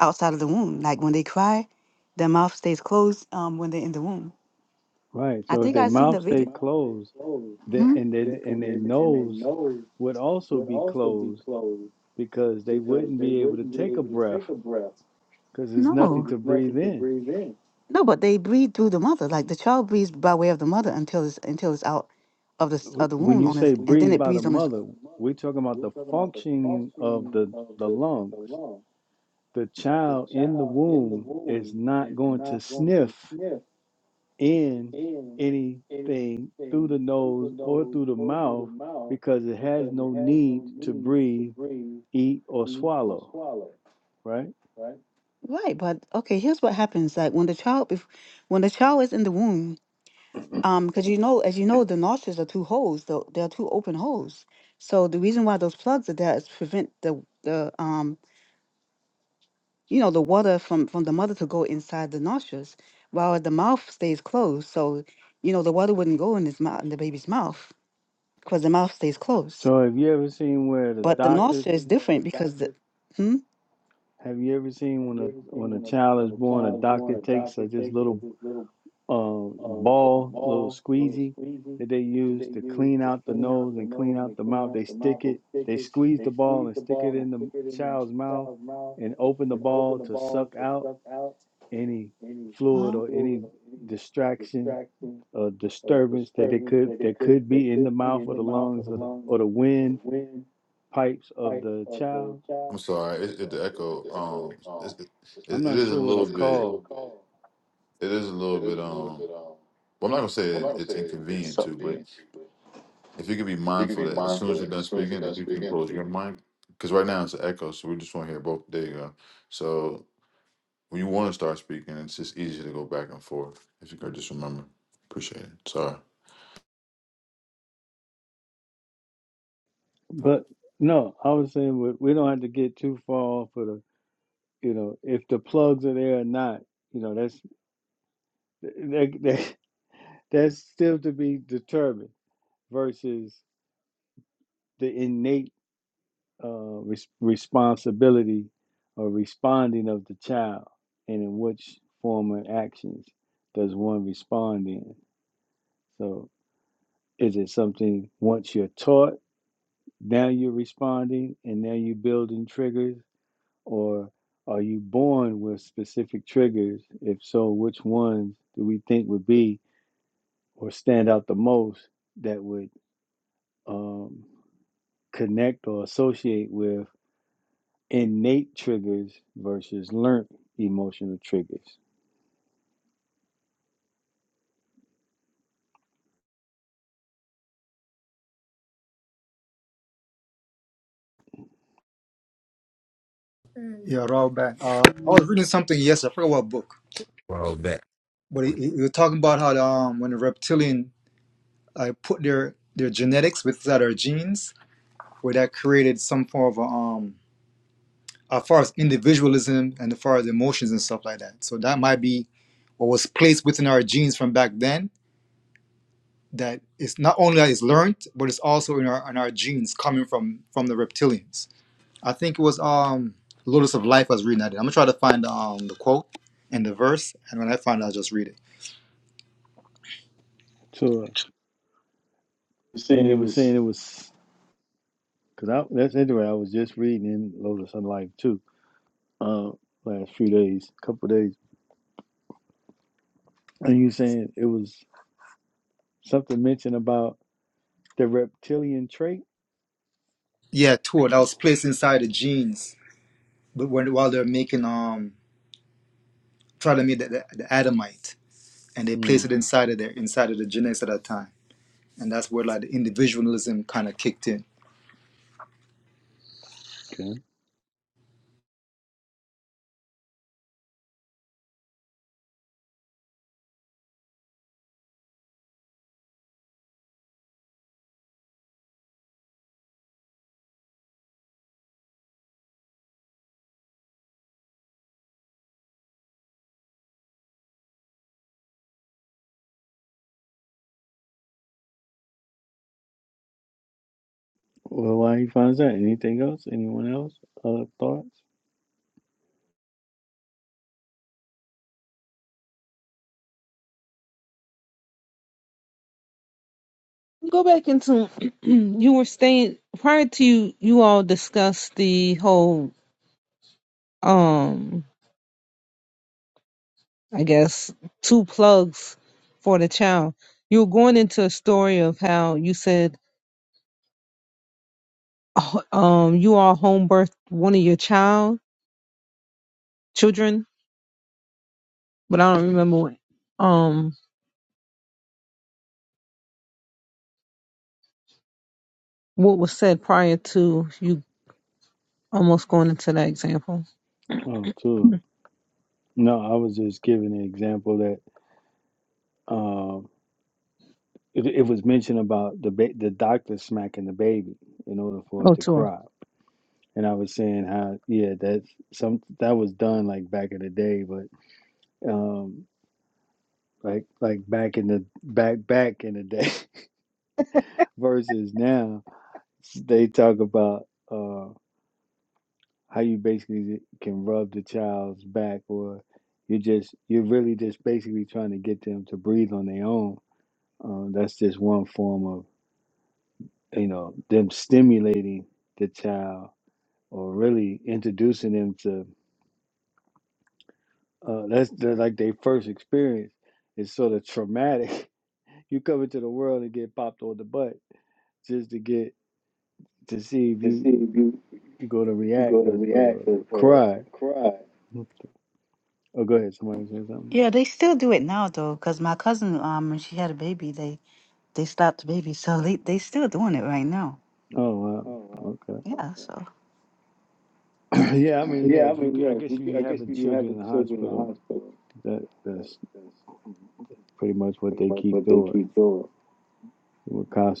outside of the womb. Like when they cry, their mouth stays closed um when they're in the womb. right. I So if think their I seen the mouth stay video. Mouth they closed, closed, then hmm and then and And their and they they nose nose would also would wouldn't be also be be closed closed because they because wouldn't they be able to wouldn't be take a able to take breath a breath. because there's No, nothing to There's nothing breathe to in. breathe in. no, but they breathe through the mother. Like the child breathes by way of the mother until it's until it's out of the s- of the Wh- When womb you on its, say When you and then breathed it say by the breathes on breathe its. by mother, the mother, we're talking about we're the talking about the functioning of pulsing the, of the the, lungs. the lung. The The child in the child in the womb is womb not is going to not going sniff to sniff in in anything anything through the through the nose or nose through the or through the mouth mouth because it has because it no has no need to need to breathe, breathe, eat, or eat, or swallow, swallow, right? right? Right, but okay, here's what happens. Like when the child, if when the child is in the womb, um, because you know, as you know, the nostrils are two holes. Though they are two open holes. So the reason why those plugs are there is to prevent the the um, you know, the water from from the mother to go inside the nostrils, while the mouth stays closed. So you know, the water wouldn't go in his mouth, in the baby's mouth. because the mouth stays closed. So So have you ever seen where the But the nostril doctor is different because the hmm? have you ever seen have when a you ever seen when a when a, child is when a born, a child is born, doctor a takes doctor a, this takes little like this little uh, uh, ball, little ball, little squeezy squeezy that they that they use to use clean to out the clean out nose the and clean nose out and the clean mouth. out They the mouth. stick They it, stick they it, squeeze they the ball squeeze and the stick it ball and in the stick it in the child's mouth child's mouth and open the and open ball the to ball suck to out suck out any any fluid Uh, or fluid any or any distraction distraction or or disturbance that they disturbance could that it that could could be that in the could be mouth in or the the mouth or lungs the or the lungs or the or wind the wind pipes of pipe the of the child. I'm child. sorry, it, it the echo. Um, it's, it, I'm it not is a sure what little it's bit. called, It is a little bit. Um, well, I'm not gonna say it, it's inconvenient too, but if you could be mindful that as soon as you're done speaking, if you can close your mic, because right now it's an echo, so we just want to hear both. There you go. So when you want to start speaking, it's just easier to go back and forth. If you could just remember, appreciate it. Sorry. but no, I was saying we we don't have to get too far off of the You know, if the plugs are there or not, you know, that's that, that, that's still to be determined versus the innate uh, res- responsibility or responding of the child and in which form and actions does one respond in. So is it something once you're taught, now you're responding and now you're building triggers? Or are you born with specific triggers? If so, which ones do we think would be or stand out the most that would um, connect or associate with innate triggers versus learned emotional triggers? Yeah, raw back. Uh, I was reading something yesterday. I forgot what book, Roll back. but it, it, it was talking about how um, when the reptilian uh, put their their genetics without our genes, where that created some form of a, um, as far as individualism and as far as emotions and stuff like that. So that might be what was placed within our genes from back then. That it's not only that it's learned, but it's also in our in our genes coming from from the reptilians. I think it was um Lotus of Life I was reading that. I'm gonna try to find um the quote and the verse, and when I find it, I'll just read it. So, You're and saying it you were was saying it was because I that's interesting. I was just reading in Lotus on Life too, uh, last few days, couple days, and you were saying it was something mentioned about the reptilian trait. Yeah, tool that was placed inside the genes, but when while they're making um trying to make the, the, the Adamite, and they place Mm, it inside of their inside of the genetics at that time, and that's where like the individualism kind of kicked in. Okay. Well, why he finds that? Anything else? Anyone else? Other thoughts? go back into. you were staying prior to you. You all discussed the whole. um, I guess, two plugs for the child. You were going into a story of how you said oh, um, you all home birthed one of your child children, but I don't remember what, um, what was said prior to you almost going into that example Oh, too. No, I was just giving an example that um, it, it was mentioned about the ba- the doctor smacking the baby in order for it or to tour. cry, and I was saying how yeah, that's some that was done like back in the day, but um, like like back in the back back in the day versus now, they talk about. uh, how you basically can rub the child's back or you're just you're really just basically trying to get them to breathe on their own um, that's just one form of you know them stimulating the child or really introducing them to uh, that's the, like their first experience It's sort of traumatic you come into the world and get popped on the butt just to get to see if to see you if you, you're going to if you go react to or, or react or, or cry cry. oh go ahead somebody say something Yeah, they still do it now though, because my cousin, um, when she had a baby, they they stopped the baby, so they they still doing it right now. oh wow Oh, wow. Okay. Yeah, Okay. so Yeah, I mean, yeah. Yeah, I If you, mean, I yeah. if guess if you- you I guess having if you have children the in the children in the hospital, hospital, that that, that's that's pretty much what pretty they much keep what they doing. keep doing.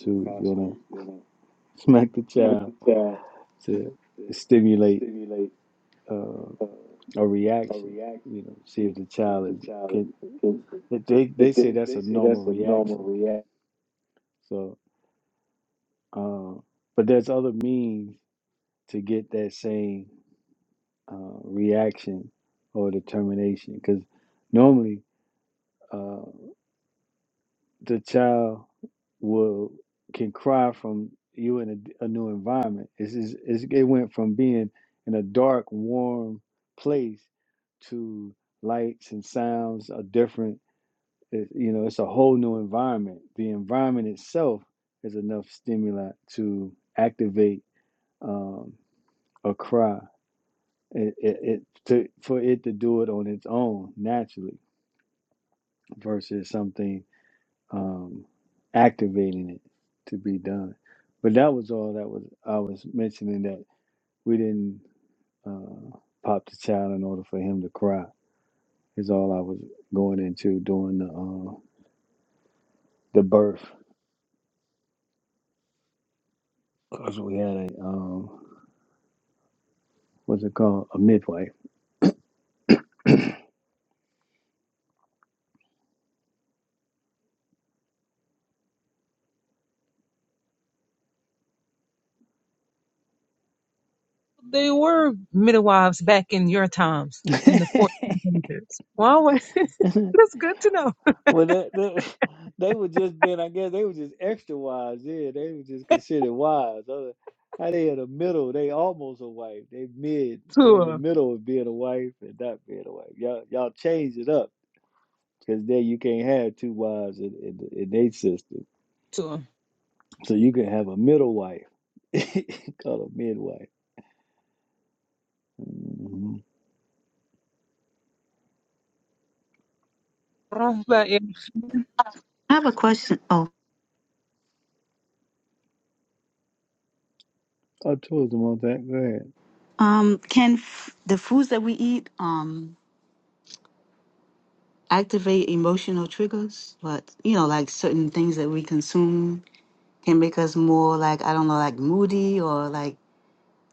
They gonna Constantly, you know, smack the smack child the child to to stimulate stimulate uh, uh, a a reaction. reaction. You know, see You if know, the see if child is the child can. is, They they say They, that's they a say normal that's a normal reaction. reaction. So, uh, but there's other means to get that same uh, reaction or determination because normally. Uh, the child will can cry from you in a, a new environment. It's, it's, it's, it went from being in a dark, warm place to lights and sounds are different. It, you know, it's a whole new environment. The environment itself is enough stimuli to activate um, a cry. It, it, it to, for it to do it on its own naturally versus something um, activating it to be done. But that was all that was I was mentioning that we didn't uh, pop the child in order for him to cry. Is all I was going into during the uh, the birth because we had a um, what's it called a midwife. They were midwives back in your times in the 1400s. Wow, that's good to know. Well, they that, they were just been, I guess, they were just extra wise. Yeah, they were just considered wise. Other- How they in the middle? They almost a wife. They mid. They in the Tua, middle of being a wife and not being a wife. Y'all, y'all change it up because then you can't have two wives in, in, the- in their system. Tua. So you can have a middle wife, call a midwife. Mm-hmm. Rafa, I have a question. Oh, I told them all that. Go ahead. um, can f- the foods that we eat um activate emotional triggers? But you know, like certain things that we consume can make us more like I don't know, like moody or like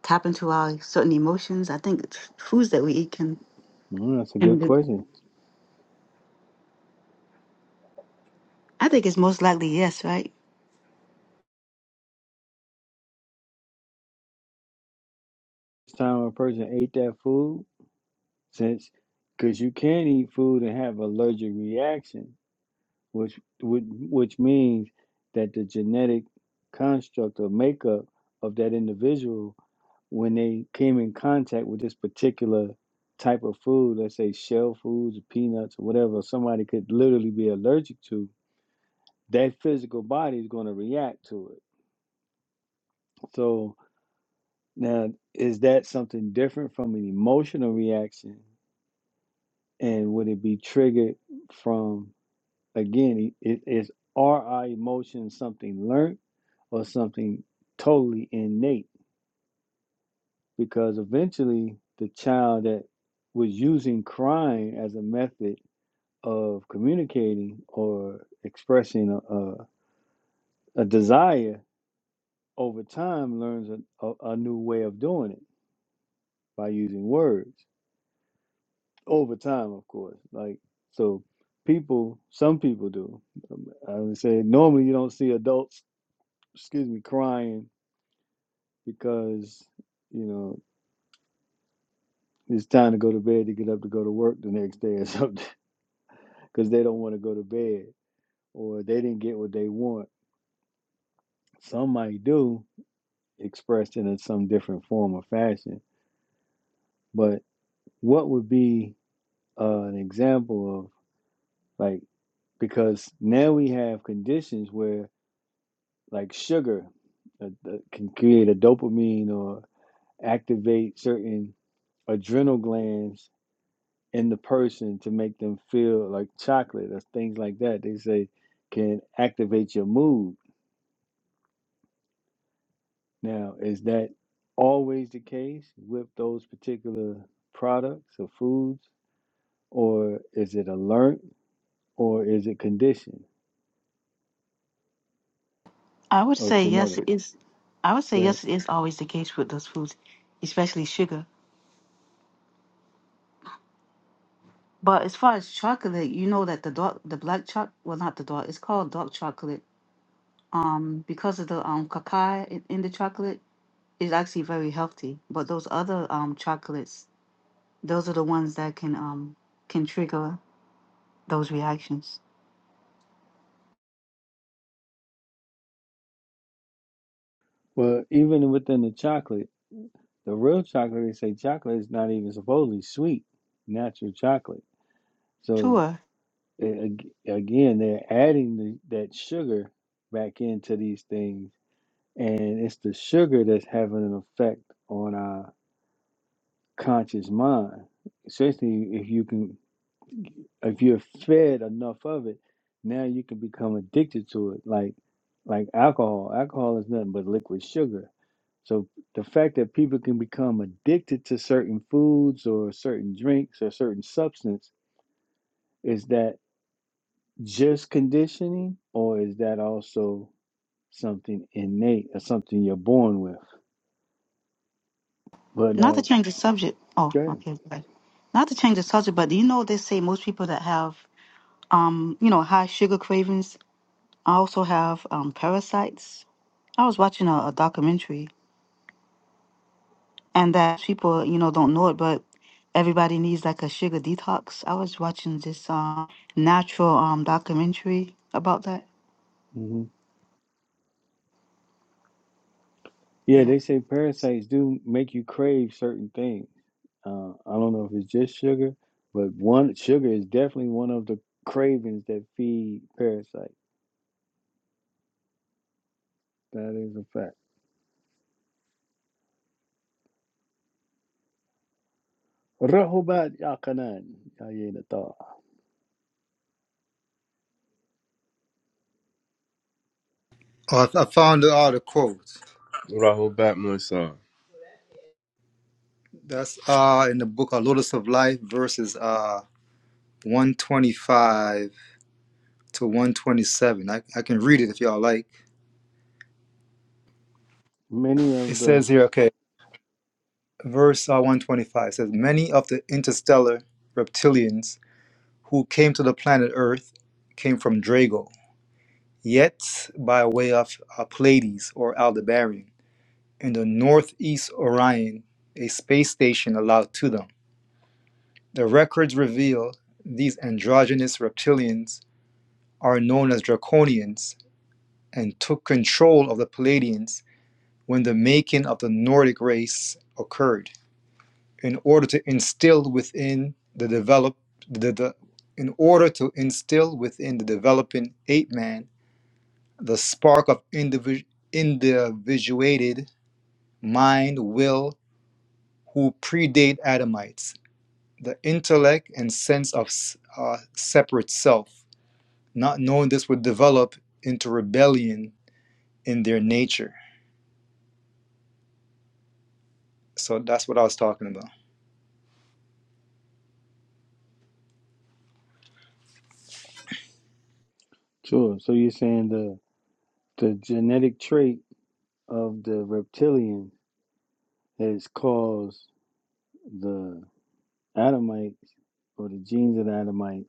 tap into our certain emotions. I think it's foods that we eat can. Mm, that's a And good the- question. I think it's most likely yes, right? First time a person ate that food. since because you can not eat food and have allergic reaction, which would which means that the genetic construct or makeup of that individual when they came in contact with this particular type of food, let's say shell foods, peanuts, or whatever, somebody could literally be allergic to, that physical body is going to react to it. So now is that something different from an emotional reaction? And would it be triggered from Again, it is are our emotions something learned or something totally innate? Because eventually, the child that was using crying as a method of communicating or expressing a, a, a desire over time learns a, a, a new way of doing it by using words over time, of course. Like, so people, some people do. Um, I would say normally you don't see adults, excuse me, crying because you know it's time to go to bed to get up to go to work the next day or something because they don't want to go to bed or they didn't get what they want. Some might do expressed in some different form or fashion, but what would be uh, an example of like because now we have conditions where like sugar uh, uh, can create a dopamine or activate certain adrenal glands in the person to make them feel like chocolate or things like that. They say can activate your mood. Now, is that always the case with those particular products or foods, or is it a learnt, or is it conditioned I would or say yes. It genetics? is. I would say Great. yes. It is always the case with those foods, especially sugar. But as far as chocolate, you know that the dark, the black chocolate, well, not the dark, it's called dark chocolate. Um, because of the um cacao in, in the chocolate, is actually very healthy. But those other um chocolates, those are the ones that can um can trigger those reactions. Well, even within the chocolate, the real chocolate, they say chocolate is not even supposedly sweet, natural chocolate. So Sure. a- ag- again, they're adding the, that sugar back into these things and it's the sugar that's having an effect on our conscious mind Essentially, if you can if you're fed enough of it now you can become addicted to it like like alcohol alcohol is nothing but liquid sugar so the fact that people can become addicted to certain foods or certain drinks or certain substance is that just conditioning or is that also something innate or something you're born with but Not to now change the subject. Oh, go ahead okay, good. Not to change the subject, but do you know they say most people that have um you know high sugar cravings also have um parasites. I was watching a, a documentary and that people you know don't know it but everybody needs like a sugar detox i was watching this um natural um documentary about that Mm-hmm. Yeah, yeah they say parasites do make you crave certain things. Uh, I don't know if it's just sugar, but one sugar is definitely one of the cravings that feed parasites. That is a fact. Rahobat yakanan yayinata. Oh, I I found all the quotes. Rahul Batmursar. That's uh in the book of Lotus of Life verses uh 125 to 127. I, I can read it if y'all like. Many It of the says here, okay. verse uh, 125 says, Many of the interstellar reptilians who came to the planet Earth came from Drago, yet by way of uh, Pleiades or Aldebaran, in the northeast Orion, a space station allowed to them. The records reveal these androgynous reptilians are known as Draconians and took control of the Palladians when the making of the Nordic race occurred. in order to instill within the develop the, the in order to instill within the developing ape man the spark of individu- individuated mind will who predate adamites the intellect and sense of s- uh, separate self not knowing this would develop into rebellion in their nature so that's what i was talking about sure. So you're saying the the genetic trait of the reptilian has caused the Adamites or the genes of the Adamites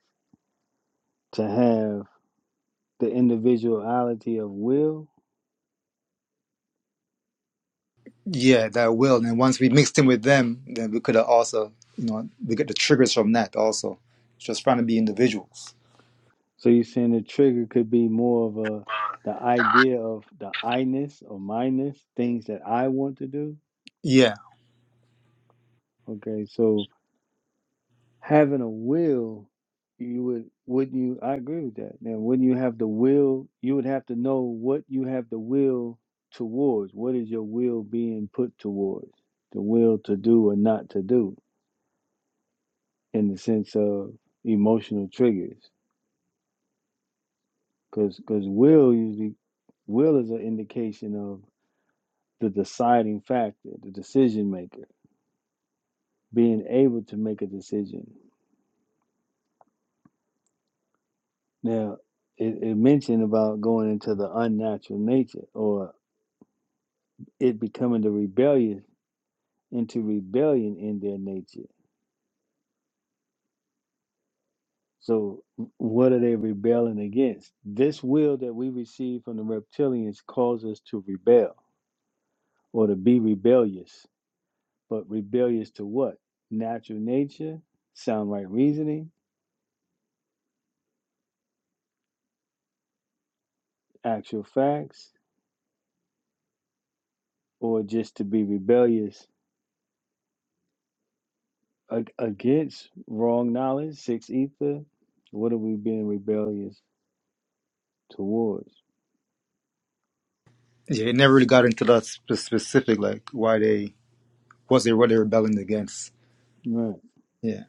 to have the individuality of will Yeah, that will. And once we mixed in with them, then we could have also, you know, we get the triggers from that also. Just trying to be individuals. So you're saying the trigger could be more of a the idea of the I-ness or minus things that I want to do. Yeah, Okay, so having a will, you would wouldn't you? I agree with that. Now, wouldn't you have the will? You would have to know what you have the will towards. What is your will being put towards? The will to do or not to do, in the sense of emotional triggers, because because will usually will is an indication of the deciding factor, the decision maker, being able to make a decision. Now, it, it mentioned about going into the unnatural nature or it becoming the rebellious into rebellion in their nature. So, what are they rebelling against? This will that we receive from the reptilians calls us to rebel or to be rebellious. But rebellious to what? Natural nature, sound right reasoning, actual facts, or just to be rebellious Ag- against wrong knowledge, six ether. What are we being rebellious towards? yeah. It never really got into that sp- specific, like why they was they what they rebelling against. Right. Yeah,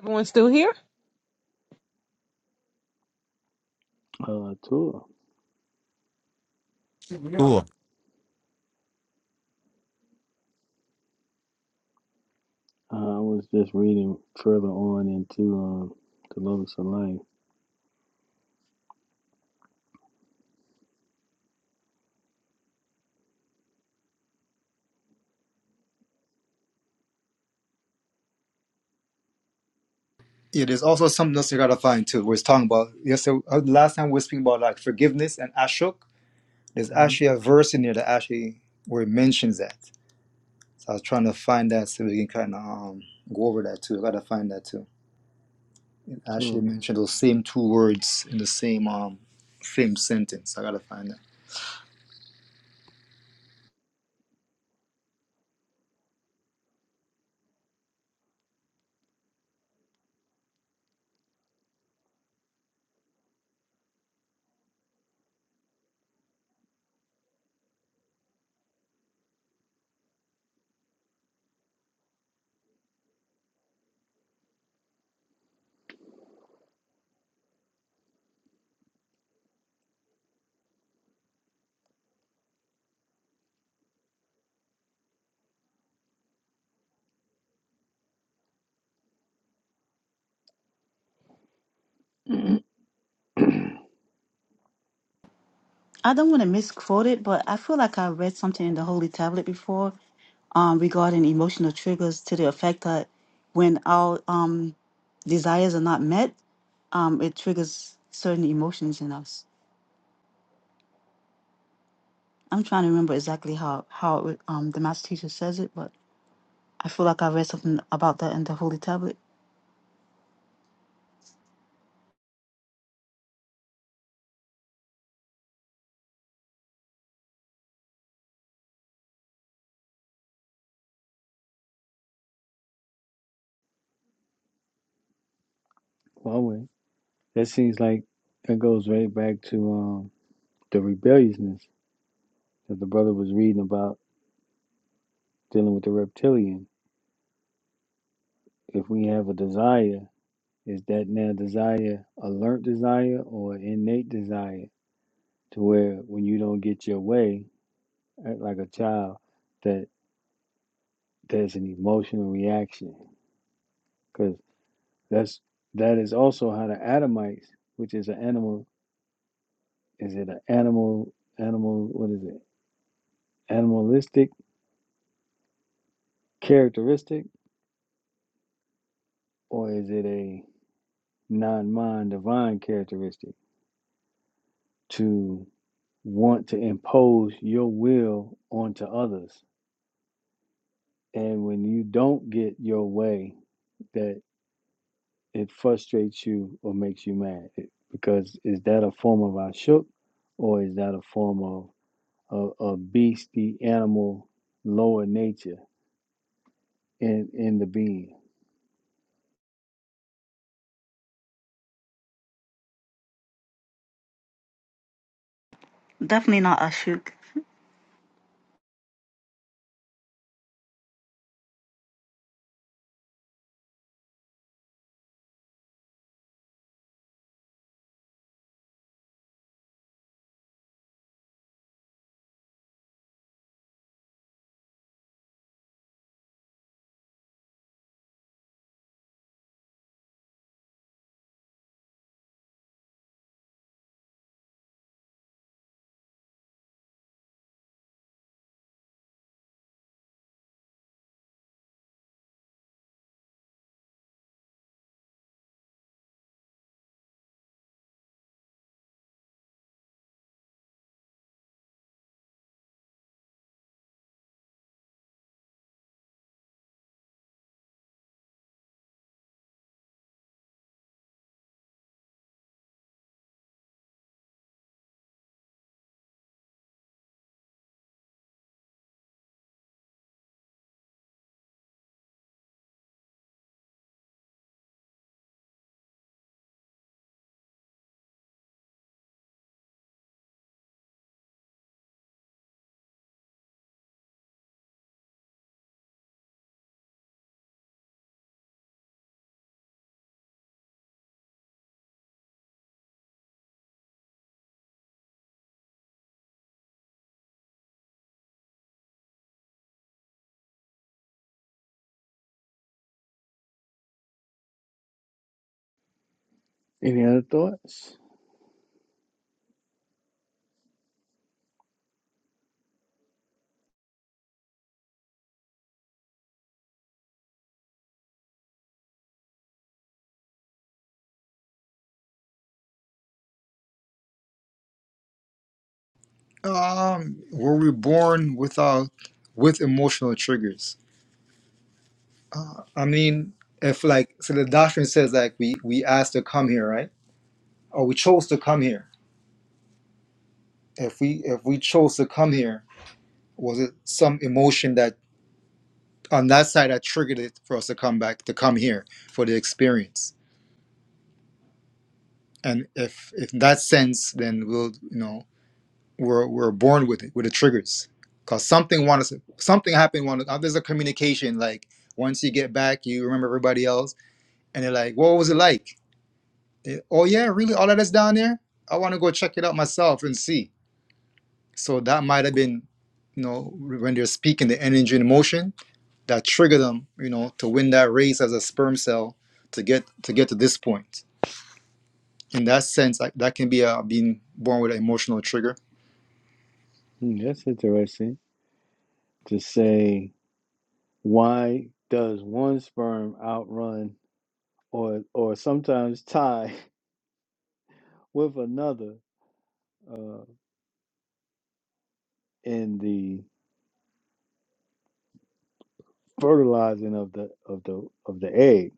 everyone's still here? Uh, Torah. Cool. Uh, I was just reading further on into um, the Lotus of Life. yeah. There's also something else you gotta find too. We're talking about yesterday. uh, Last time we were speaking about like forgiveness and ashok. There's Mm-hmm. actually a verse in there that actually where it mentions that. So I was trying to find that so we can kind of um, go over that too. I gotta find that too. Ashley Torah. mentioned those same two words in the same um same sentence. I gotta find that. i don't want to misquote it but i feel like i read something in the holy tablet before um regarding emotional triggers to the effect that when our um desires are not met um it triggers certain emotions in us i'm trying to remember exactly how how it, um the master teacher says it but i feel like i read something about that in the holy tablet Huawei. That seems like that goes right back to um, the rebelliousness that the brother was reading about dealing with the reptilian. If we have a desire, is that now desire a learned desire or innate desire? To where when you don't get your way, uh, like a child that there's an emotional reaction because that's that is also how the Adamites, which is an animal, is it an animal animal what is it animalistic characteristic or is it a non-mind divine characteristic to want to impose your will onto others and when you don't get your way that. it frustrates you or makes you mad It- because is that a form of ashuk or is that a form of a, a beastie animal lower nature in in the being Definitely not Ashok. any other thoughts Um, were we born without with emotional triggers? Uh, I mean, if like so, the doctrine says like we we asked to come here, right? Or we chose to come here. If we if we chose to come here, was it some emotion that on that side that triggered it for us to come back to come here for the experience? And if if in that sense, then we'll you know we're we're born with it with the triggers because something wants something happened one uh, there's a communication like once you get back you remember everybody else and they're like what was it like They, oh yeah really all of that's down there i want to go check it out myself and see so that might have been you know when they're speaking the energy and emotion that trigger them you know to win that race as a sperm cell to get to get to this point in that sense like, that can be uh, being born with an emotional trigger Hmm, that's interesting to say why does one sperm outrun or or sometimes tie with another uh, in the fertilizing of the of the of the egg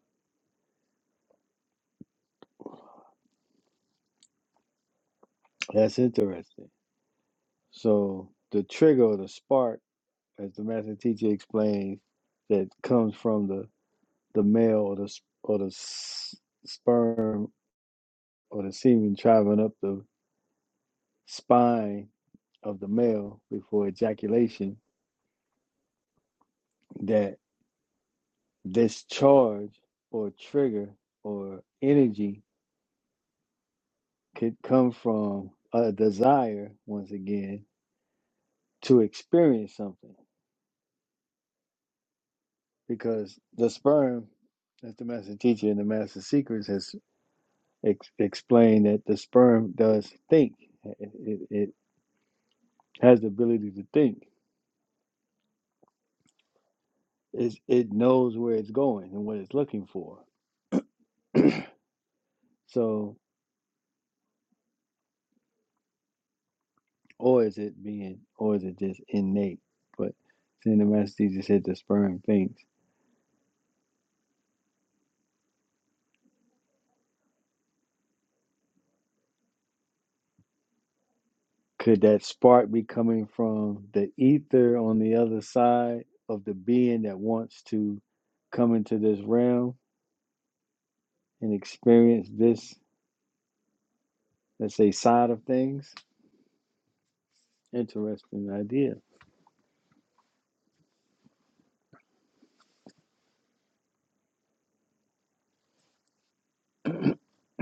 that's interesting So the trigger or the spark, as the master teacher explains, that comes from the, the male or the or the s- sperm or the semen traveling up the spine of the male before ejaculation, that this charge or trigger or energy could come from a desire once again to experience something because the sperm, as the master teacher and the master secrets has ex- explained that the sperm does think. It, it, it has the ability to think. It's, it knows where it's going and what it's looking for. So, or is it being, or is it just innate? But seeing the master teacher said the sperm thinks. Could that spark be coming from the ether on the other side of the being that wants to come into this realm and experience this, let's say, side of things? Interesting idea.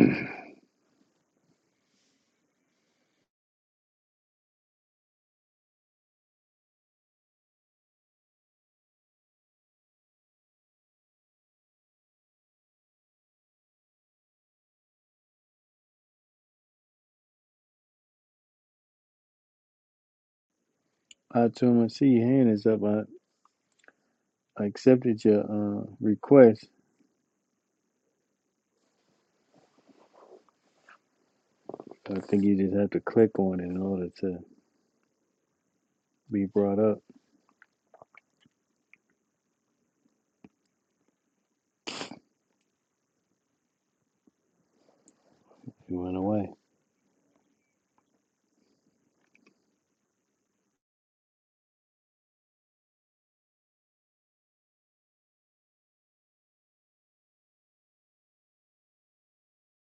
I told him, I see your hand is up. I, I accepted your uh, request. I think you just have to click on it in order to be brought up. He went away.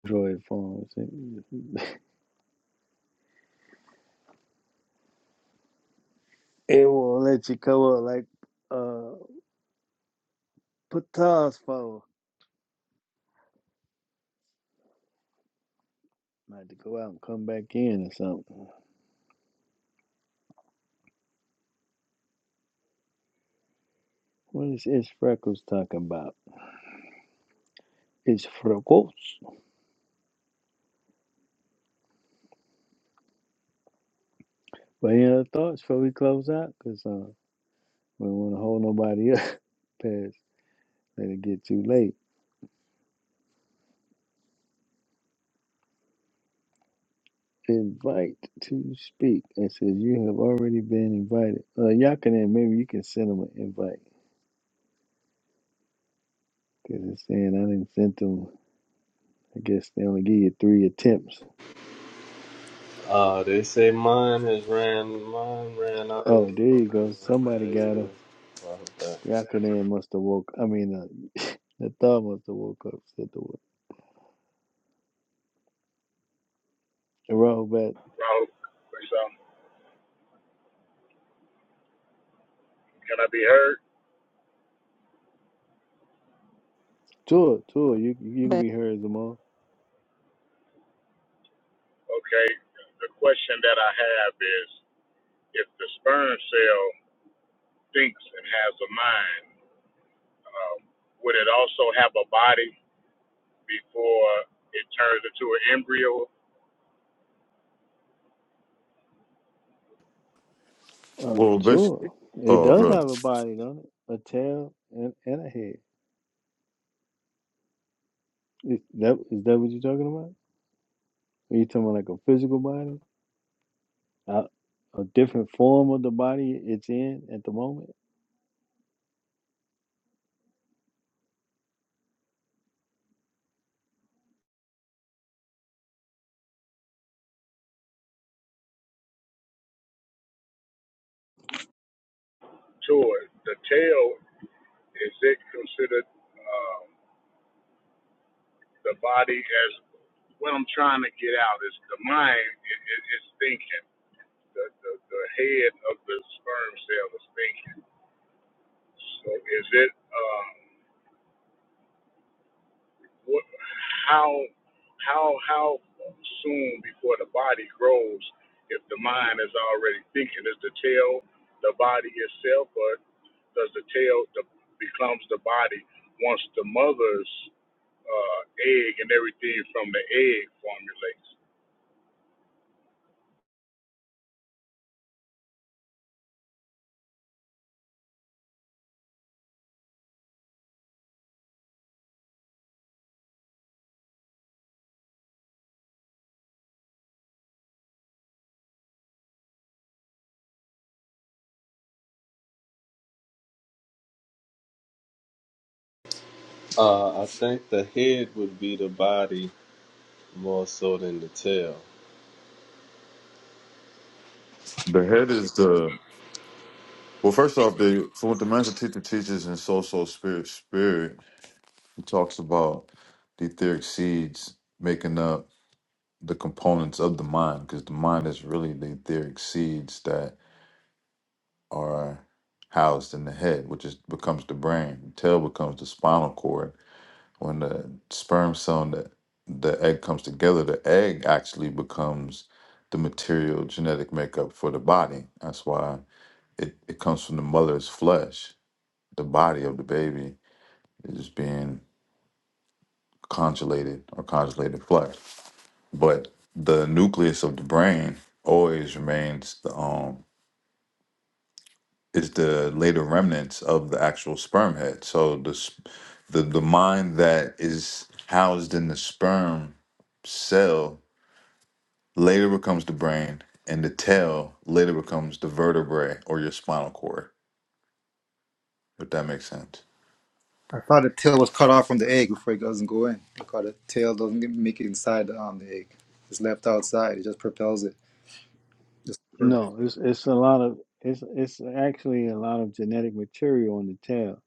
Android phones. It, it won't let you come up like uh Patas phone. I had to go out and come back in or something. What is Ish Freckles talking about? Ish Freckles. But any other thoughts before we close out? Because uh, we don't want to hold nobody up past let it get too late. invite to speak. It says you have already been invited. Uh, Yakanan, maybe you can send them an invite because it's saying I didn't send them. I guess they only give you three attempts. Uh, they say mine has ran, mine ran out. of- Oh, there you Okay, go. Somebody there got you him. go. Wow, that- Yakanan must have woke. I mean, uh, the thought must have woke up. Said the word. And Rahobat. Well, so can I be heard? Tua, Tua, you you can be heard as a mom. Okay. The question that I have is, if the sperm cell thinks and has a mind, um, would it also have a body before it turns into an embryo? Uh, Well, Tua. basically, It oh, does have the a body, don't it? A tail and, and a head. Is that is that what you're talking about? Are you talking about like a physical body? uh, a different form of the body it's in at the moment? To it, the tail is it considered um, the body as what I'm trying to get out is the mind is it, thinking. The, the the head of the sperm cell is thinking. So is it? Um, What, how how how soon before the body grows if the mind is already thinking is the tail the body itself or does the tail the, becomes the body once the mother's uh, egg and everything from the egg formulates Uh, I think the head would be the body more so than the tail. the head is the. Well, first off, the so what the master teacher teaches in soul, soul, spirit, spirit. He talks about the etheric seeds making up the components of the mind, because the mind is really the etheric seeds that are housed in the head, which is becomes the brain. The tail becomes the spinal cord. When the sperm cell and the, the egg comes together, the egg actually becomes the material genetic makeup for the body. That's why it, it comes from the mother's flesh. The body of the baby is being conjulated or conjulated flesh. but the nucleus of the brain always remains the um is the later remnants of the actual sperm head so the s- the, the mind that is housed in the sperm cell later becomes the brain and the tail later becomes the vertebrae or your spinal cord if that makes sense I thought the tail was cut off from the egg before it doesn't go in. Because the tail doesn't get- make it inside the, um, the egg. It's left outside. It just propels it. Just- No, it's it's a lot of it's it's actually a lot of genetic material on the tail.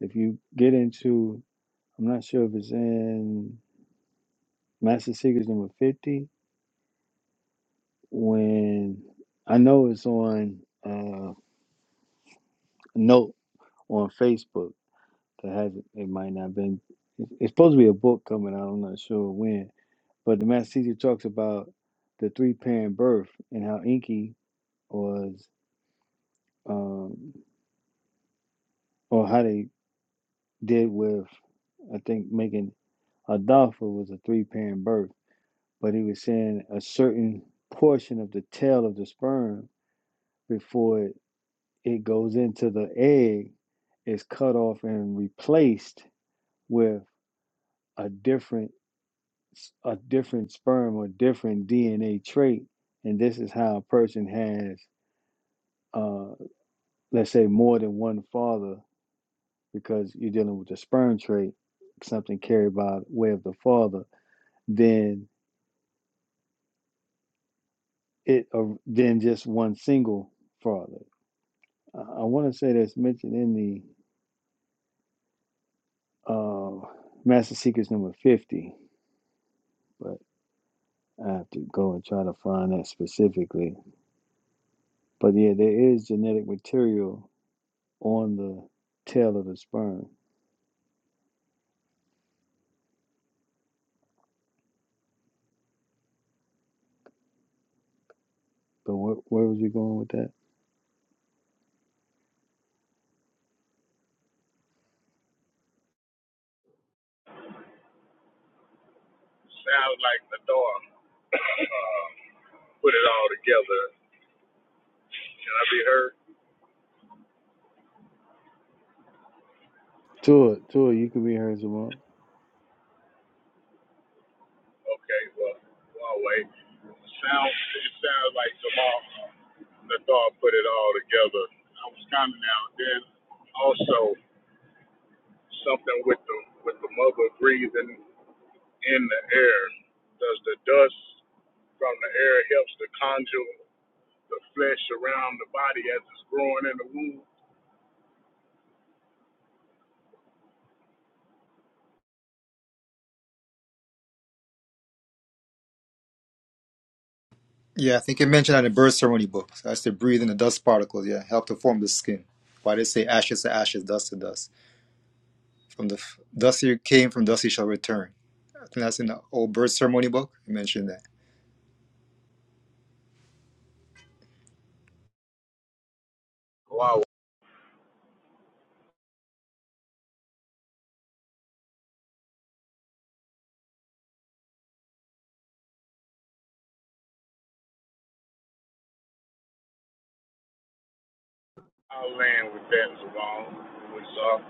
If you get into, I'm not sure if it's in Master Secrets number fifty. When I know it's on uh, note on Facebook that has it it might not have been. It's it's supposed to be a book coming out. I'm not sure when, but the Master Secret talks about the three parent birth and how Inky was. um, or how they did with, I think making Adolpha was a three parent birth, but he was saying a certain portion of the tail of the sperm before it, it goes into the egg is cut off and replaced with a different a different sperm or different DNA trait, and this is how a person has, uh, let's say, more than one father because you're dealing with the sperm trait, something carried by way of the father, then it or then just one single father. I, I want to say that's mentioned in the uh, Master Secrets number fifty, but I have to go and try to find that specifically. But yeah, there is genetic material on the tail of the sperm. But where, where was we going with that? sounds like the dog put it all together can i be heard Tua, Tua, you can be heard some okay well well wait sounds it sounds like Jamal. the thought put it all together. I was kind of now then also something with the with the mother breathing in the air. Does the dust from the air helps to conjure the flesh around the body as it's growing in the womb? yeah, I think it mentioned that in birth ceremony book. So that's to breathe in the dust particles. Yeah, help to form the skin. Why they say ashes to ashes, dust to dust. From the f- dust you came, from dust you shall return. I think that's in the old birth ceremony book. You mentioned that. Wow. I'll land with that as well. What's up?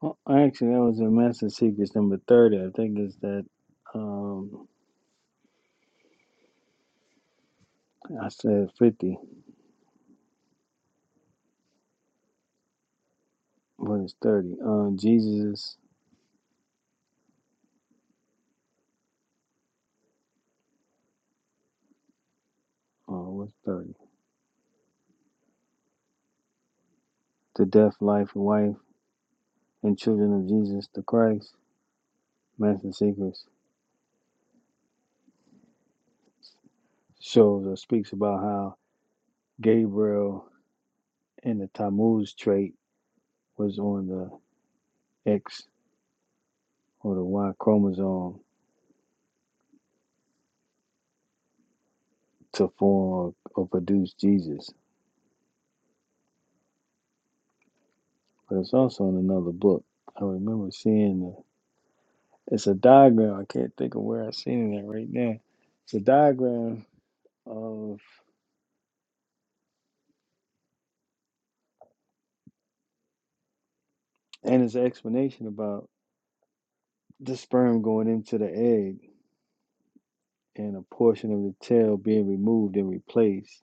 Well, actually, that was a Master Secrets number 30. I think it's that, um, I said 50, but it's 30. Uh, Jesus, oh, what's 30? The death, life, and wife, and children of Jesus the Christ. Master Secrets shows or speaks about how Gabriel and the Tammuz trait was on the X or the Y chromosome to form or, or produce Jesus. But it's also in another book. I remember seeing the It's a diagram. I can't think of where I seen it at right now. It's a diagram of and it's an explanation about the sperm going into the egg and a portion of the tail being removed and replaced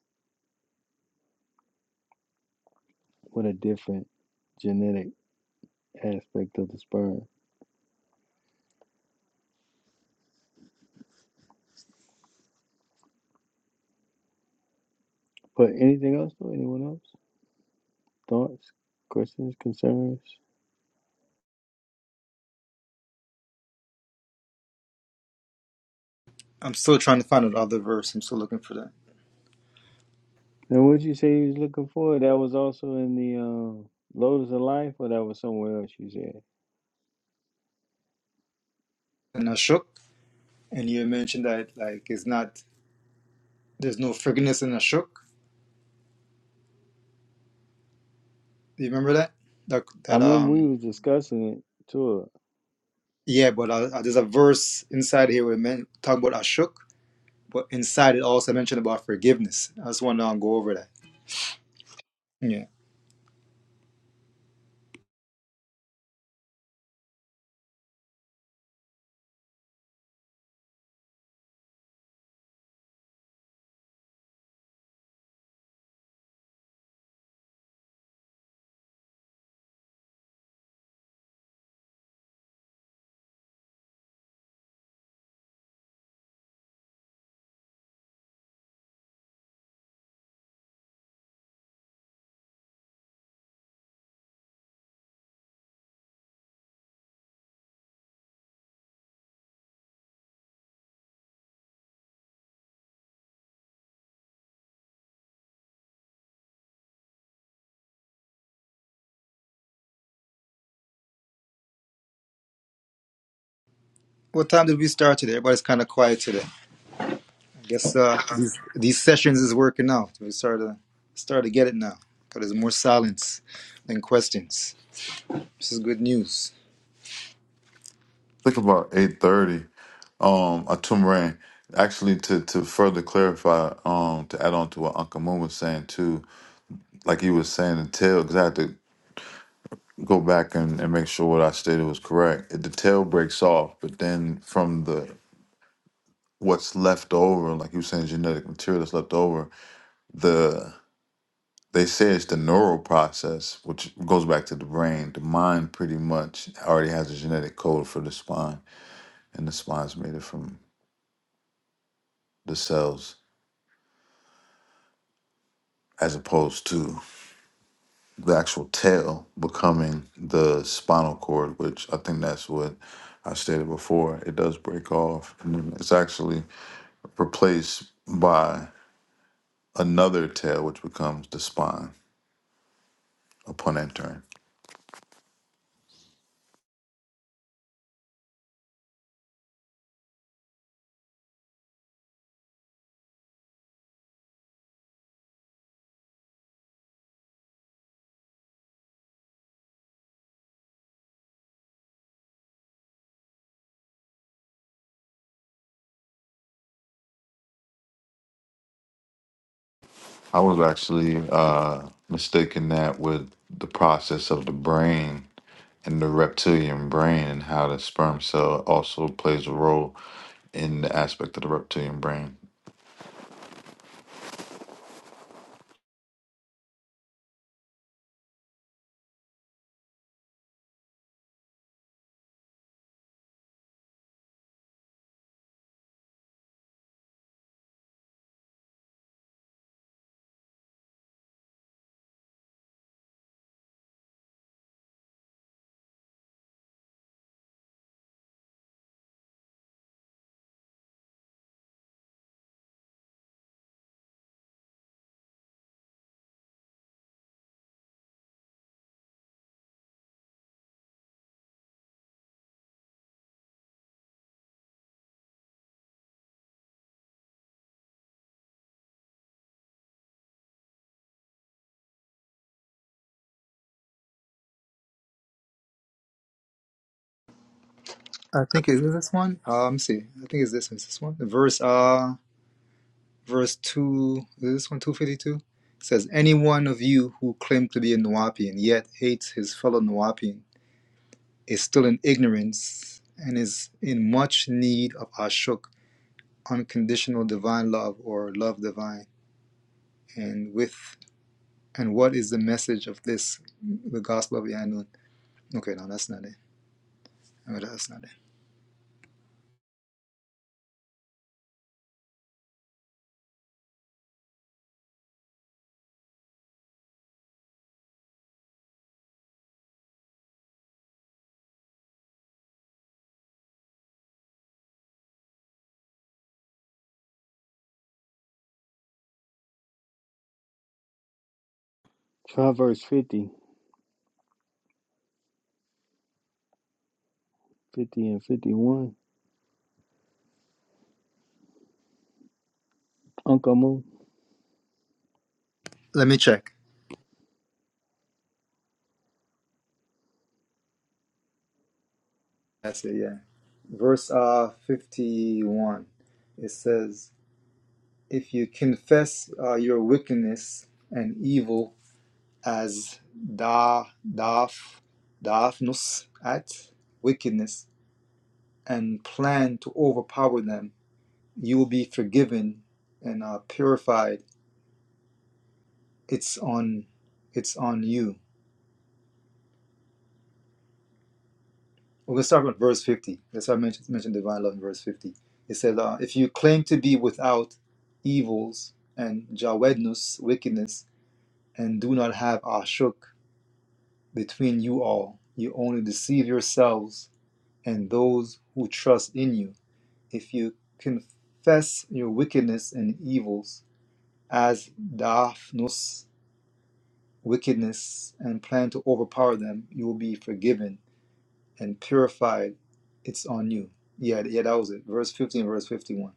with a different genetic aspect of the sperm. But anything else though? Anyone else? Thoughts, questions, concerns? I'm still trying to find another verse. I'm still looking for that. And what you say you was looking for? That was also in the um, Lotus of Life, or that was somewhere else you said? And Ashok, and you mentioned that like it's not there's no forgiveness in Ashok Do you remember that? That, I that remember we um was discussing it too. yeah, but uh, uh, there's a verse inside here where men talk about Ashuk, but inside it also mentioned about forgiveness. I just want to um, go over that. Yeah. What time did we start today? Everybody's kind of quiet today. I guess uh these, these sessions is working out. We start to start to get it now. Cause there's more silence than questions. This is good news. think about 830 um a tumor actually to to further clarify um to add on to what uncle moon was saying too like he was saying the tail exactly. go back and, and make sure what I stated was correct. The tail breaks off, but then from the what's left over, like you were saying, genetic material that's left over, the they say it's the neural process, which goes back to the brain. The mind pretty much already has a genetic code for the spine, and the spine's made it from the cells, as opposed to the actual tail becoming the spinal cord, which I think that's what I stated before. It does break off. And then it's actually replaced by another tail, which becomes the spine upon entering. I was actually uh, mistaken that with the process of the brain and the reptilian brain and how the sperm cell also plays a role in the aspect of the reptilian brain. I think it is this one. Uh, let me see. I think it's this one. Is this one? The verse. Uh, verse 2, is this one 252? says, Any one of you who claims to be a Nuapian yet hates his fellow Nuapian is still in ignorance and is in much need of Ashuk, unconditional divine love or love divine. And with and what is the message of this, the gospel of Yanun? Okay, no, that's not it. No, that's not it. Proverbs 50, 50 and 51. Uncle Moon. Let me check. That's it, yeah. Verse uh, 51, it says, If you confess uh, your wickedness and evil as da, daf, dafnus, at, wickedness, and plan to overpower them, you will be forgiven and uh, purified. It's on, it's on you. We're going to start with verse 50. That's why I mentioned, mentioned divine love in verse 50. It says, uh, if you claim to be without evils and jawednus, wickedness, and do not have ashuk between you all. You only deceive yourselves and those who trust in you. If you confess your wickedness and evils as Daphnos wickedness and plan to overpower them, you will be forgiven and purified. It's on you. Yeah, yeah, that was it. Verse 15, verse 51.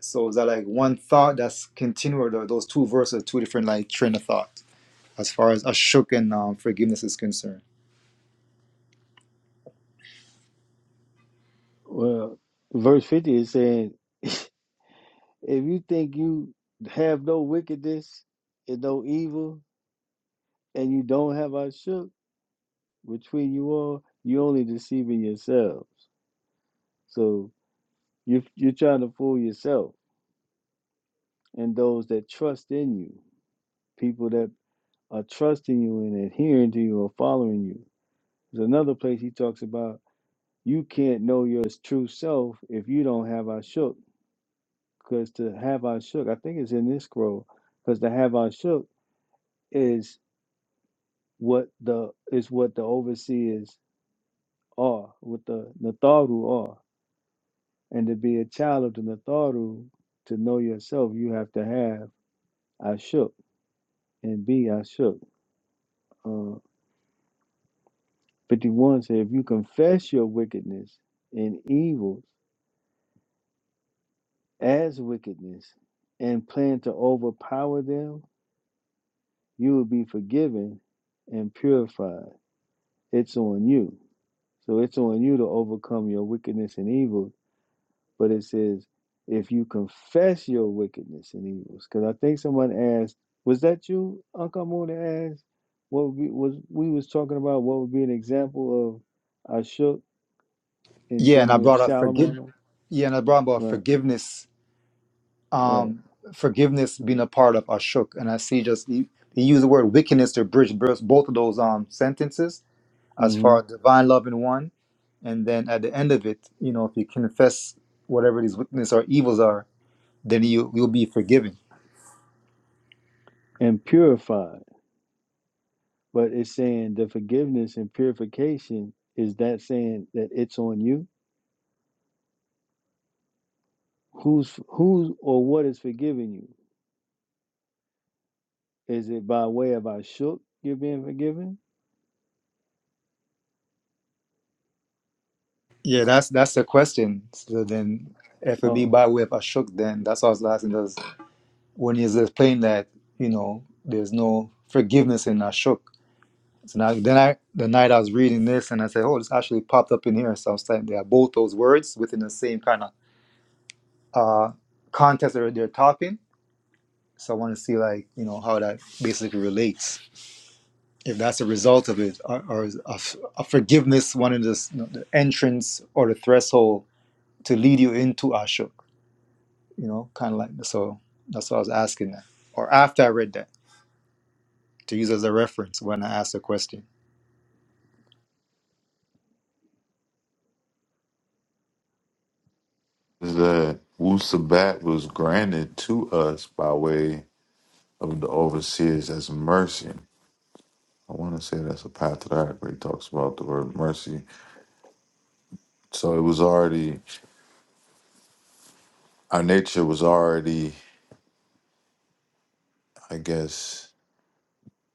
So is that like one thought that's continued, or those two verses, are two different like train of thought as far as Ashuk and um, forgiveness is concerned? Well, verse 50 is saying, if you think you have no wickedness and no evil, and you don't have I shook between you all, you only deceiving yourselves. So you you're trying to fool yourself and those that trust in you, people that are trusting you and adhering to you or following you. There's another place he talks about you can't know your true self if you don't have I shook because to have our shook, I think it's in this scroll, because to have our shook is what the is what the overseers are, what the Natharu are. And to be a child of the Natharu, to know yourself, you have to have I and be I Uh, 51 says, if you confess your wickedness and evils as wickedness and plan to overpower them, you will be forgiven and purified. It's on you. So it's on you to overcome your wickedness and evil. But it says, if you confess your wickedness and evils, because I think someone asked, was that you, Uncle Moon, asked what would was we was talking about? What would be an example of Ashuk in Yeah, and dealing I with brought up forgive. Shalimon? Yeah, and I brought about Right, forgiveness, right, um, forgiveness being a part of Ashuk, And I see just he you use the word wickedness to bridge both both of those um, sentences as hmm far as divine love in one. And then at the end of it, you know, if you confess whatever these wickedness or evils are, then you, you'll be forgiven. and purified. But it's saying the forgiveness and purification is that saying that it's on you. Who's who's or what is forgiving you? Is it by way of Ashuk you're being forgiven? Yeah, that's that's the question. So then, if it be Oh, by way of Ashok, then that's what I was asking. Does when he's explaining that you know there's no forgiveness in Ashok? So now, then I the night I was reading this and I said, oh, this actually popped up in here. So I was like, they are both those words within the same kind of uh, context that they're talking. So I want to see like you know how that basically relates. If that's a result of it, or, or is a, f- a forgiveness one of the, s- the entrance or the threshold to lead you into Ashok? you know, kind of like so. That's what I was asking that, or after I read that, to use as a reference when I ask a question. Is that Wu Sabat was granted to us by way of the overseers as mercy. I want to say that's a path to that where he talks about the word mercy. So it was already Our nature was already, I guess,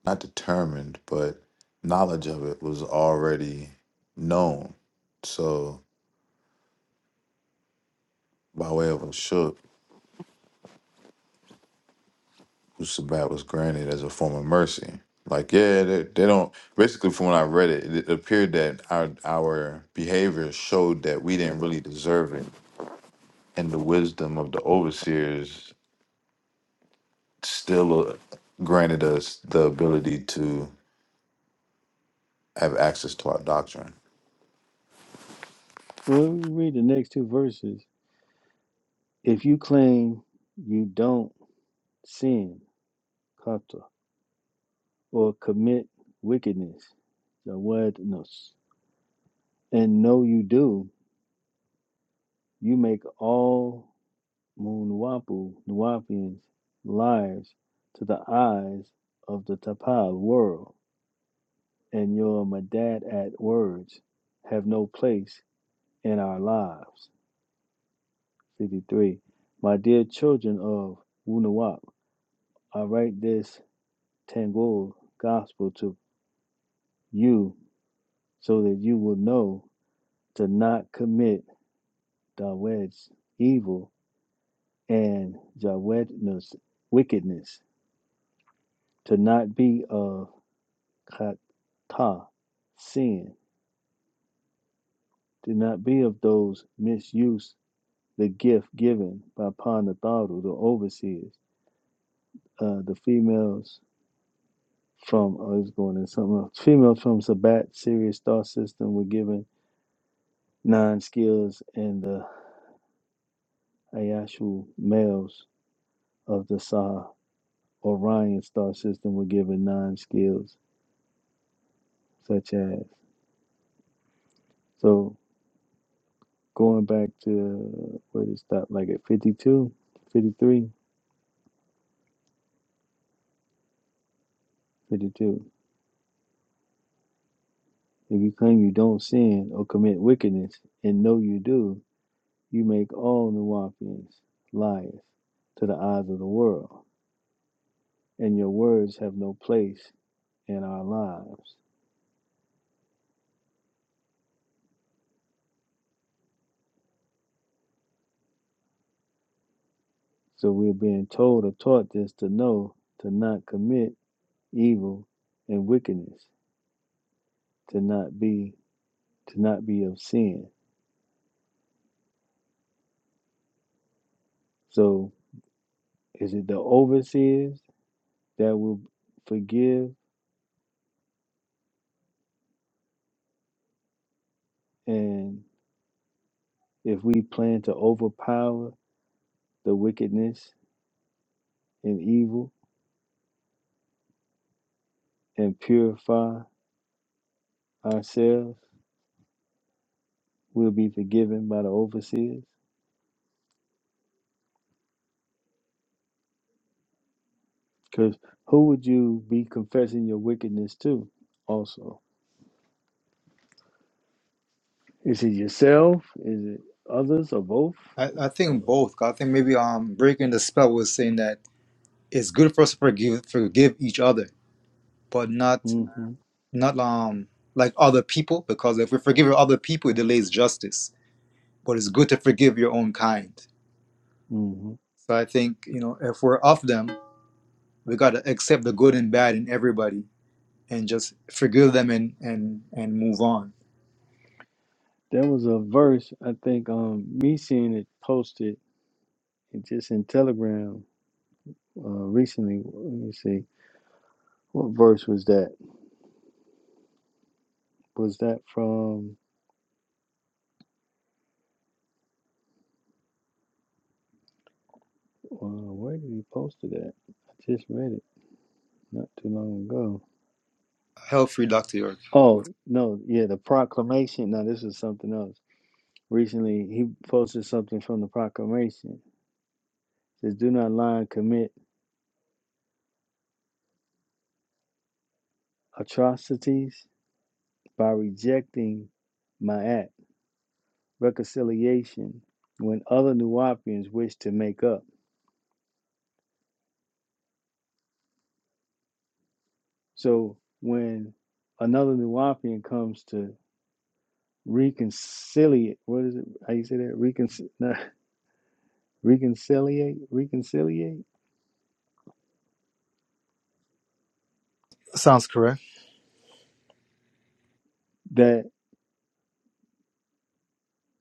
not determined, but knowledge of it was already known. So, by way of a shook, Wusabat was granted as a form of mercy. Like, yeah, they, they don't. Basically, from when I read it, it appeared that our our behavior showed that we didn't really deserve it, and the wisdom of the overseers still uh, granted us the ability to have access to our doctrine. well, let read the next two verses. If you claim you don't sin, kata, or commit wickedness, zawadnos, and know you do, you make all Munwapu, Nuwapians, liars to the eyes of the Tapal world, and your Madad at words have no place in our lives. 53. My dear children of Wunawap, I write this Tangled Gospel to you so that you will know to not commit Dawed's evil and Jawedna's wickedness, to not be of Kata sin, to not be of those misuse the gift given by Panatharu, the overseers, uh, the females from oh, he's going in something else. Females from Sabat, Sirius star system were given nine skills, and the Ayashu males of the Sah Orion star system were given nine skills, such as so going back to where to stop, like at 52, 53, 52. If you claim you don't sin or commit wickedness and know you do, you make all Nawapians liars to the eyes of the world and your words have no place in our lives. So we're being told or taught this to know to not commit evil and wickedness, to not be to not be of sin. So is it the overseers that will forgive and if we plan to overpower the wickedness and evil and purify ourselves, we'll be forgiven by the overseers? Because who would you be confessing your wickedness to also? Is it yourself? Is it others or both? I, I Or think both. 'cause I think maybe um breaking the spell was saying that it's good for us to forgive forgive each other, but not hmm not um like other people because if we forgive other people, it delays justice. But it's good to forgive your own kind. hmm So I think you know if we're of them, we gotta accept the good and bad in everybody and just forgive them and and and move on. There was a verse, I think um me seeing it posted it just in Telegram uh recently. Let me see. What verse was that? Was that from uh, where did he post it at? I just read it not too long ago. Hell free Dr. York. Oh no, yeah, the proclamation. No, this is something else recently he posted something from the proclamation. It says, "Do not lie and commit atrocities by rejecting my act reconciliation when other Nuwapians wish to make up." So when another Nuwapian comes to reconciliate, what is it? How you say that? Reconcil, no, reconciliate, reconciliate. Sounds correct. That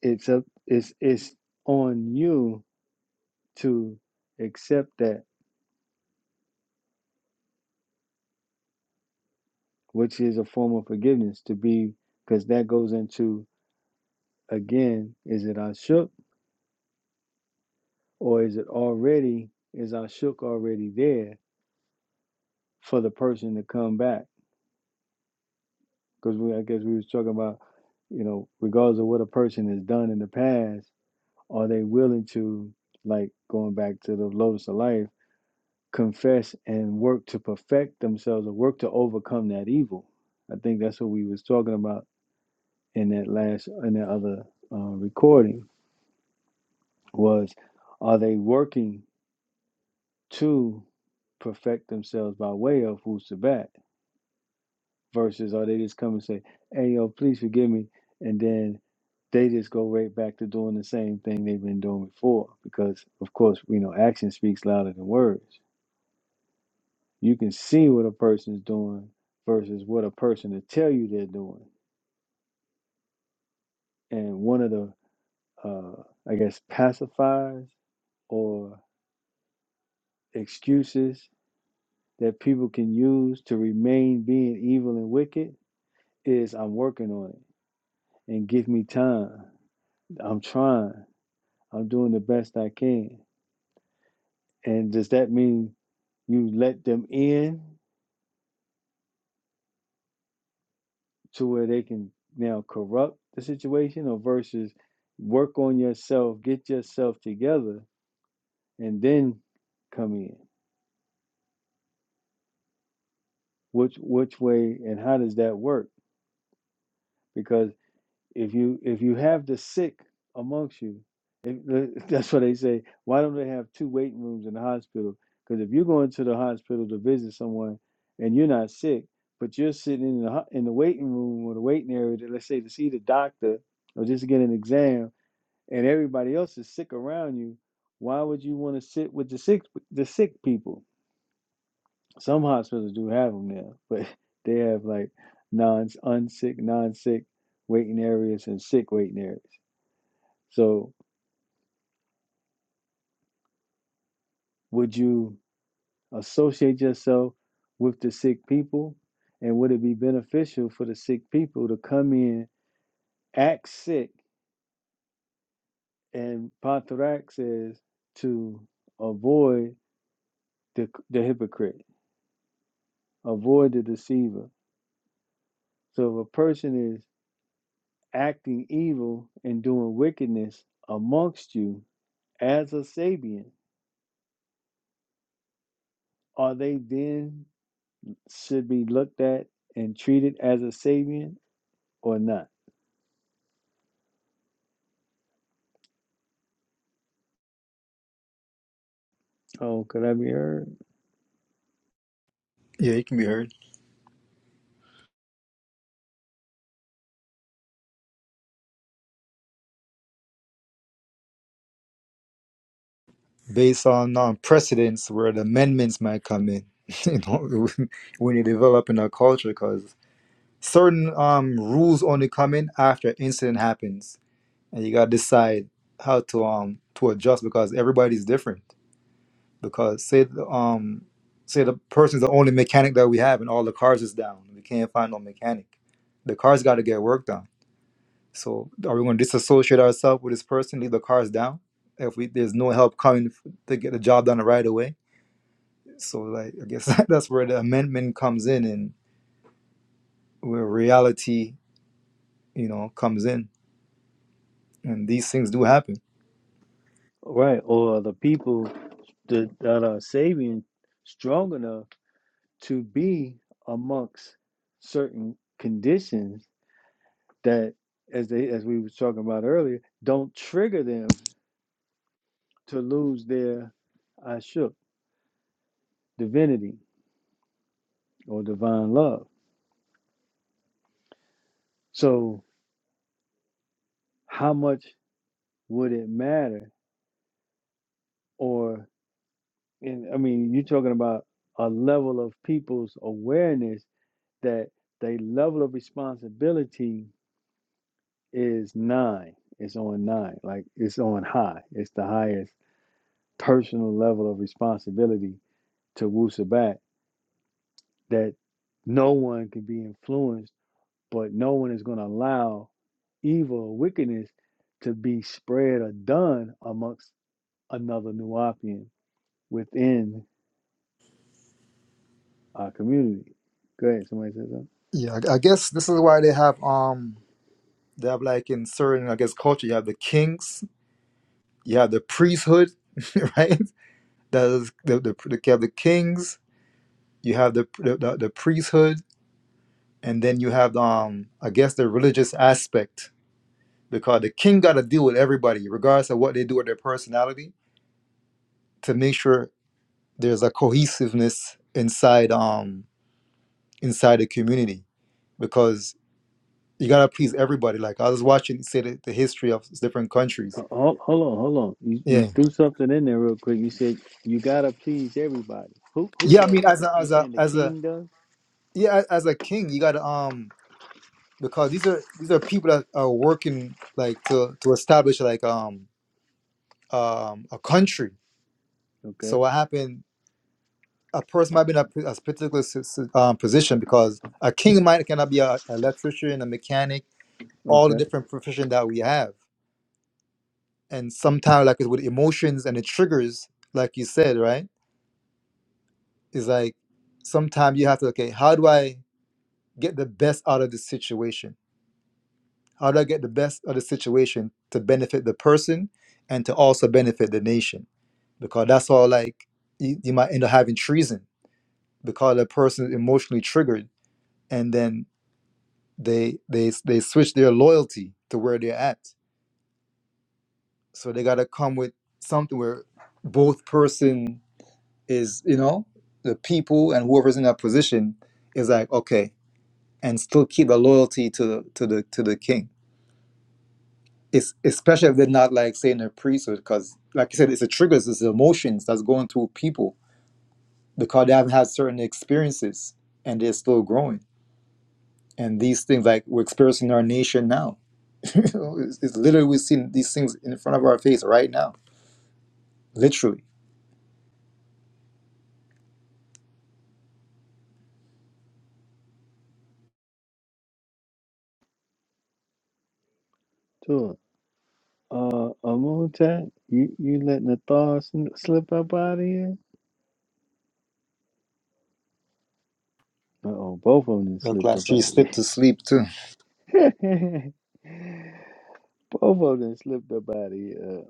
it's up, it's it's on you to accept that which is a form of forgiveness to be because that goes into again is it I or is it already is I already there for the person to come back because we I guess we was talking about you know regardless of what a person has done in the past are they willing to like going back to the lotus of life confess and work to perfect themselves or work to overcome that evil I think that's what we was talking about in that last in that other uh, recording was are they working to perfect themselves by way of Wusabat versus are they just come and say, hey, yo, please forgive me. And then they just go right back to doing the same thing they've been doing before. Because, of course, we know action speaks louder than words. You can see what a person's doing versus what a person will tell you they're doing. And one of the, uh, I guess, pacifiers or excuses that people can use to remain being evil and wicked is I'm working on it and give me time. I'm trying. I'm doing the best I can. And does that mean you let them in to where they can now corrupt the situation or versus work on yourself, get yourself together and then come in? Which which way and how does that work? Because if you if you have the sick amongst you if, that's what they say why don't they have two waiting rooms in the hospital because if you're going to the hospital to visit someone and you're not sick but you're sitting in the ho- in the waiting room or the waiting area to, let's say to see the doctor or just to get an exam and everybody else is sick around you why would you want to sit with the sick the sick people some hospitals do have them there but they have like non unsick non-sick waiting areas and sick waiting areas so, would you associate yourself with the sick people? And would it be beneficial for the sick people to come in, act sick, and Pontarac says to avoid the, the hypocrite, avoid the deceiver. So, if a person is acting evil and doing wickedness amongst you as a Sabian, are they then should be looked at and treated as a Sabian or not? Oh, could I be heard? Yeah, you can be heard. Based on um, precedents where the amendments might come in, you know, when you develop in a culture, because certain um, rules only come in after an incident happens, and you gotta decide how to um to adjust because everybody's different. Because say the, um say the person's the only mechanic that we have, and all the cars is down, we can't find no mechanic. The car's got to get worked on So are we going to disassociate ourselves with this person, leave the cars down? If we there's no help coming f- to get the job done right away, so like I guess that's where the amendment comes in and where reality, you know, comes in, and these things do happen. Right, or the people that, that are saving strong enough to be amongst certain conditions that, as they as we were talking about earlier, don't trigger them to lose their I shook divinity or divine love. So, how much would it matter? Or, and I mean, you're talking about a level of people's awareness that they level of responsibility is nine. It's on nine. Like it's on high. It's the highest personal level of responsibility to Wu Sabat that no one can be influenced, but no one is going to allow evil or wickedness to be spread or done amongst another Nuapian within our community. Go ahead. Somebody said something. Yeah, I I guess this is why they have um they have like in certain I guess culture you have the kings, you have the priesthood, right? That is the the, you have the kings, you have the the, the priesthood, and then you have um I guess the religious aspect because the king got to deal with everybody, regardless of what they do with their personality, to make sure there's a cohesiveness inside um inside the community, because you gotta please everybody. Like I was watching, say the, the history of different countries. Ho- Hold on, hold on. You, you Yeah, threw something in there real quick. You said you gotta please everybody. Who who yeah. I does? mean, as a You as a saying the as a king does? yeah as a king, you gotta um because these are these are people that are working like to to establish like um um a country. Okay, So what happened? a person might be in a, p- a particular s- s- um, position because a king might cannot be a, an electrician, a mechanic, all the okay. different profession that we have. And sometimes, like it's with emotions and the triggers, like you said, right? It's like sometimes you have to, okay, how do I get the best out of this situation? How do I get the best out of the situation to benefit the person and to also benefit the nation? Because that's all like you, you might end up having treason because the person is emotionally triggered and then they they they switch their loyalty to where they're at. So they gotta come with something where both person is, you know, the people and whoever's in that position is like, okay, and still keep the loyalty to the to the to the king. It's especially if they're not like saying a priesthood, because like you said, it's the triggers, it's the emotions that's going through people because they haven't had certain experiences and they're still growing. And these things like we're experiencing in our nation now it's, it's literally we've seen these things in front of our face right now, literally. Sure. uh, Amutat, you you letting the thaws sn- slip up out of here? Uh oh, both of them Look slipped like up out she of slipped to sleep too. here. both of them slipped up out of here. Uh,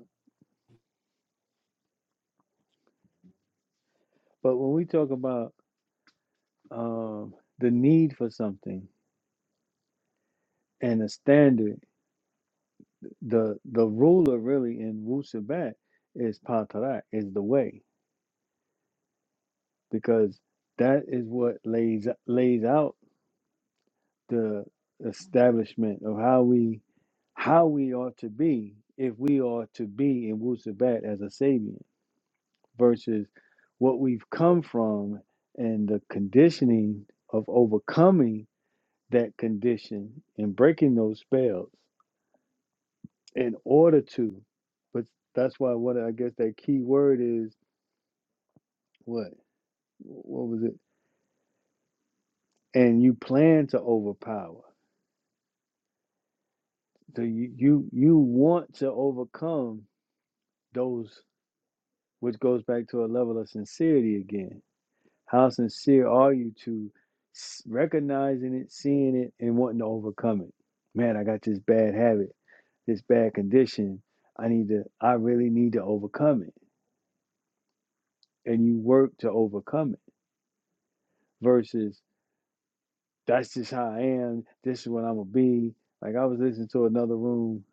But when we talk about um the need for something and the standard, the the ruler really in Wu Sabat is Patarak, is the way, because that is what lays lays out. the establishment of how we how we ought to be if we are to be in Wusabat as a Sabian versus what we've come from and the conditioning of overcoming that condition and breaking those spells in order to. But that's why what I guess that key word is what what was it? And you plan to overpower. So you you, you want to overcome those which goes back to a level of sincerity again. How sincere are you to recognizing it, seeing it, and wanting to overcome it? Man, I got this bad habit, this bad condition. I need to, I really need to overcome it. And you work to overcome it versus that's just how I am. This is what I'm going to be. Like I was listening to another room,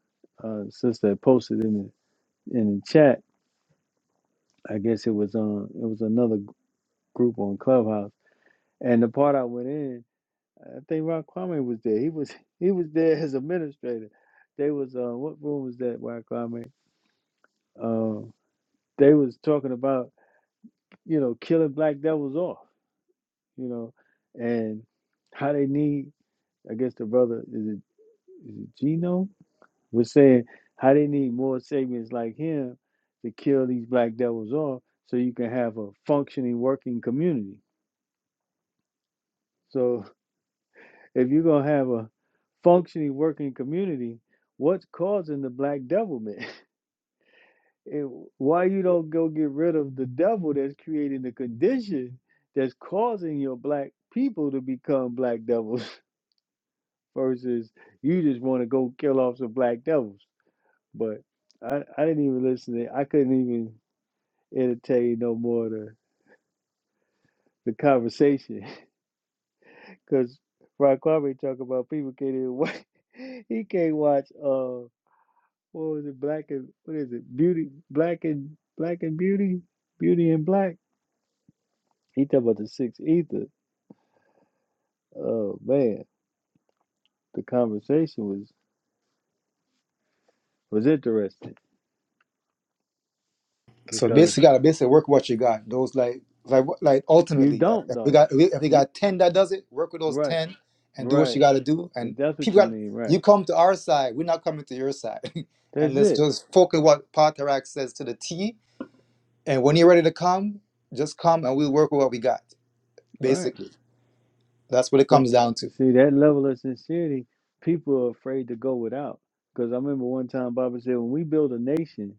uh, sister had posted in the, in the chat. I guess it was on, it was another group on Clubhouse. And the part I went in, I think Ron Kwame was there. He was he was there as administrator. They was uh what room was that, Ron Kwame? Um they was talking about, you know, killing black devils off, you know, and how they need I guess the brother is it is it Gino was saying how they need more saviors like him to kill these black devils off so you can have a functioning working community. So if you're gonna have a functioning working community, what's causing the black devilment? it, why you don't go get rid of the devil that's creating the condition that's causing your black people to become black devils versus you just want to go kill off some black devils but i i didn't even listen to i couldn't even entertain no more the the conversation because Ron Kwame talk about people can't even watch he can't watch uh what was it black and what is it beauty black and black and beauty beauty and black he talk about the six ether Oh man, the conversation was was interesting So because basically, you gotta basically work what you got. Those like like like you ultimately like don't if we though. got if we, if we You got ten that does it, work with those right, ten and do what you right. gotta do. And If that's what people you got mean, you right. come to our side, we're not coming to your side. and That's let's it, just focus what Patarak says to the T. And when you're ready to come, just come and we'll work with what we got. right. Basically, that's what it But comes down you to. see that level of sincerity, people are afraid to go without. Because I remember one time Baba said, when we build a nation,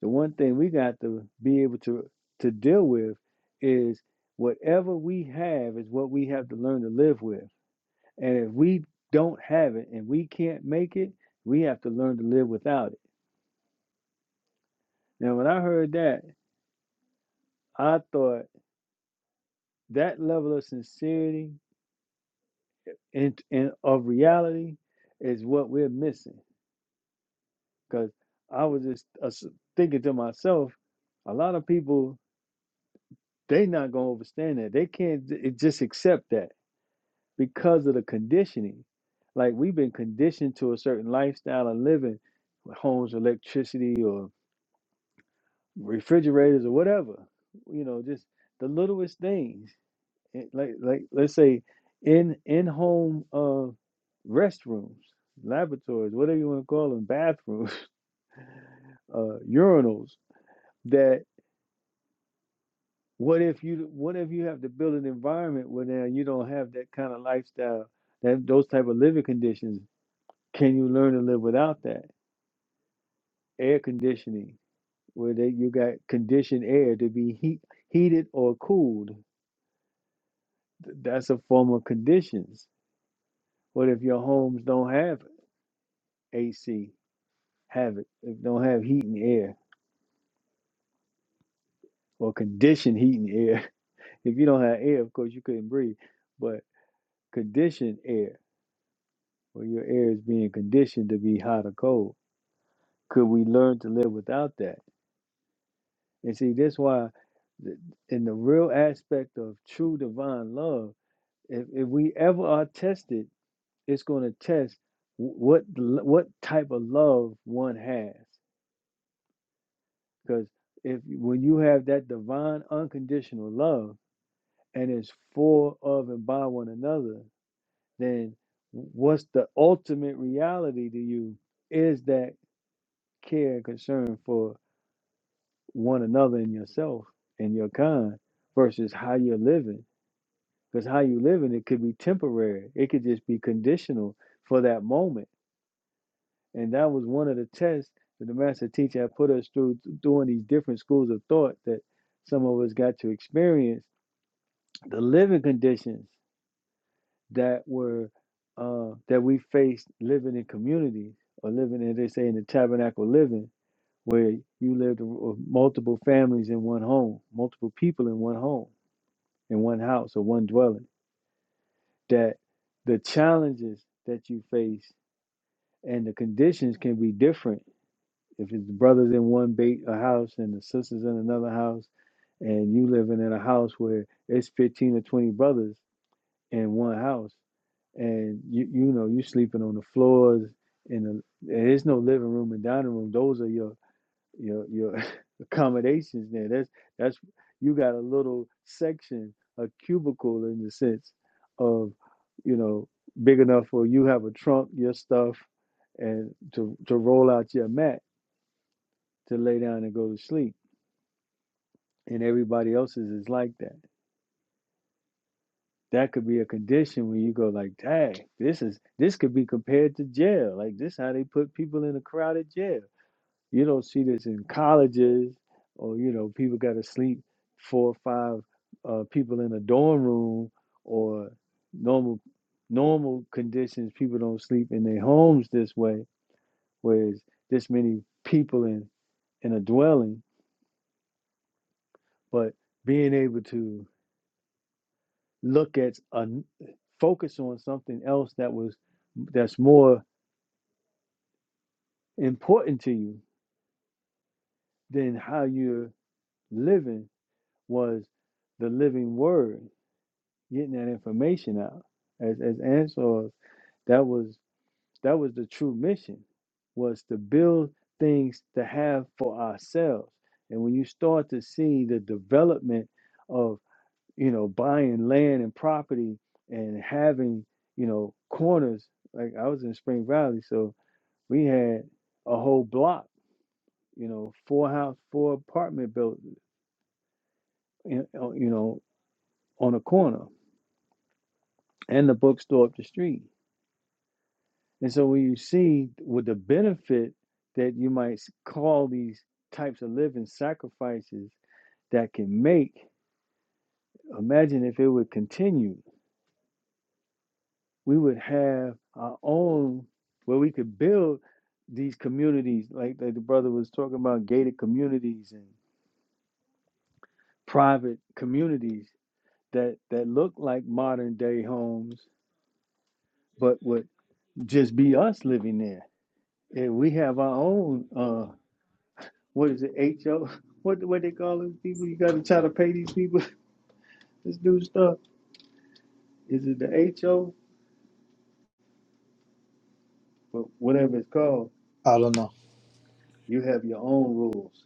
the one thing we got to be able to to deal with is whatever we have is what we have to learn to live with. And if we don't have it and we can't make it, we have to learn to live without it. Now, when I heard that, I thought that level of sincerity and, and of reality is what we're missing. Because I was just uh, s- thinking to myself, a lot of people, they not going to understand that. They can't j- it just accept that because of the conditioning. Like we've been conditioned to a certain lifestyle of living, with homes, electricity, refrigerators or whatever you know just the littlest things Eh, like like let's say in in home uh restrooms laboratories whatever you want to call them bathrooms uh urinals that what if you what if you have to build an environment where now you don't have that kind of lifestyle that those type of living conditions can you learn to live without that air conditioning where they, you got conditioned air to be heat, heated or cooled Th- That's a form of conditions. What if your homes don't have AC, have it, if don't have heat and air or conditioned heat and air? If you don't have air, of course you couldn't breathe, but conditioned air, where your air is being conditioned to be hot or cold. Could we learn to live without that? And see, that's why th- in the real aspect of true divine love, if, if we ever are tested, it's going to test wh- what l- what type of love one has. Because if when you have that divine unconditional love and it's for of and by one another, then what's the ultimate reality to you is that care and concern for one another and yourself and your kind versus how you're living. Because how you living, it could be temporary. It could just be conditional for that moment. And that was one of the tests that the master teacher had put us through doing these different schools of thought that some of us got to experience the living conditions that were uh, that we faced living in communities or living as they say in the tabernacle living where you lived with multiple families in one home multiple people in one home in one house or one dwelling that the challenges that you face and the conditions can be different if it's brothers in one bait a house and the sisters in another house and you living in a house where it's 15 or 20 brothers in one house, and you you know you sleeping on the floors in the and there's no living room and dining room. Those are your your your accommodations there. That's that's you got a little section, a cubicle in the sense of you know big enough for you have a trunk, your stuff, and to to roll out your mat to lay down and go to sleep. And everybody else's is like that that could be a condition when you go like, dang, this is this could be compared to jail. Like this how they put people in a crowded jail. You don't see this in colleges or you know, people gotta sleep four or five uh, people in a dorm room or normal normal conditions, people don't sleep in their homes this way, whereas this many people in in a dwelling, but being able to look at a focus on something else that was that's more important to you than how you're living was the living word getting that information out as as answer that was that was the true mission was to build things to have for ourselves and when you start to see the development of. you know, buying land and property and having, you know, corners. Like I was in Spring Valley, so we had a whole block, you know, four house, four apartment built, you know, on a corner and the bookstore up the street. And so when you see with the benefit that you might s- call these types of living sacrifices that can make, imagine if it would continue we would have our own where we could build these communities like, like the brother was talking about gated communities and private communities that that look like modern day homes but would just be us living there and we have our own uh what is it ho what what they call these people you gotta try to pay these people this new stuff is it the ho but whatever it's called I don't know. you have your own rules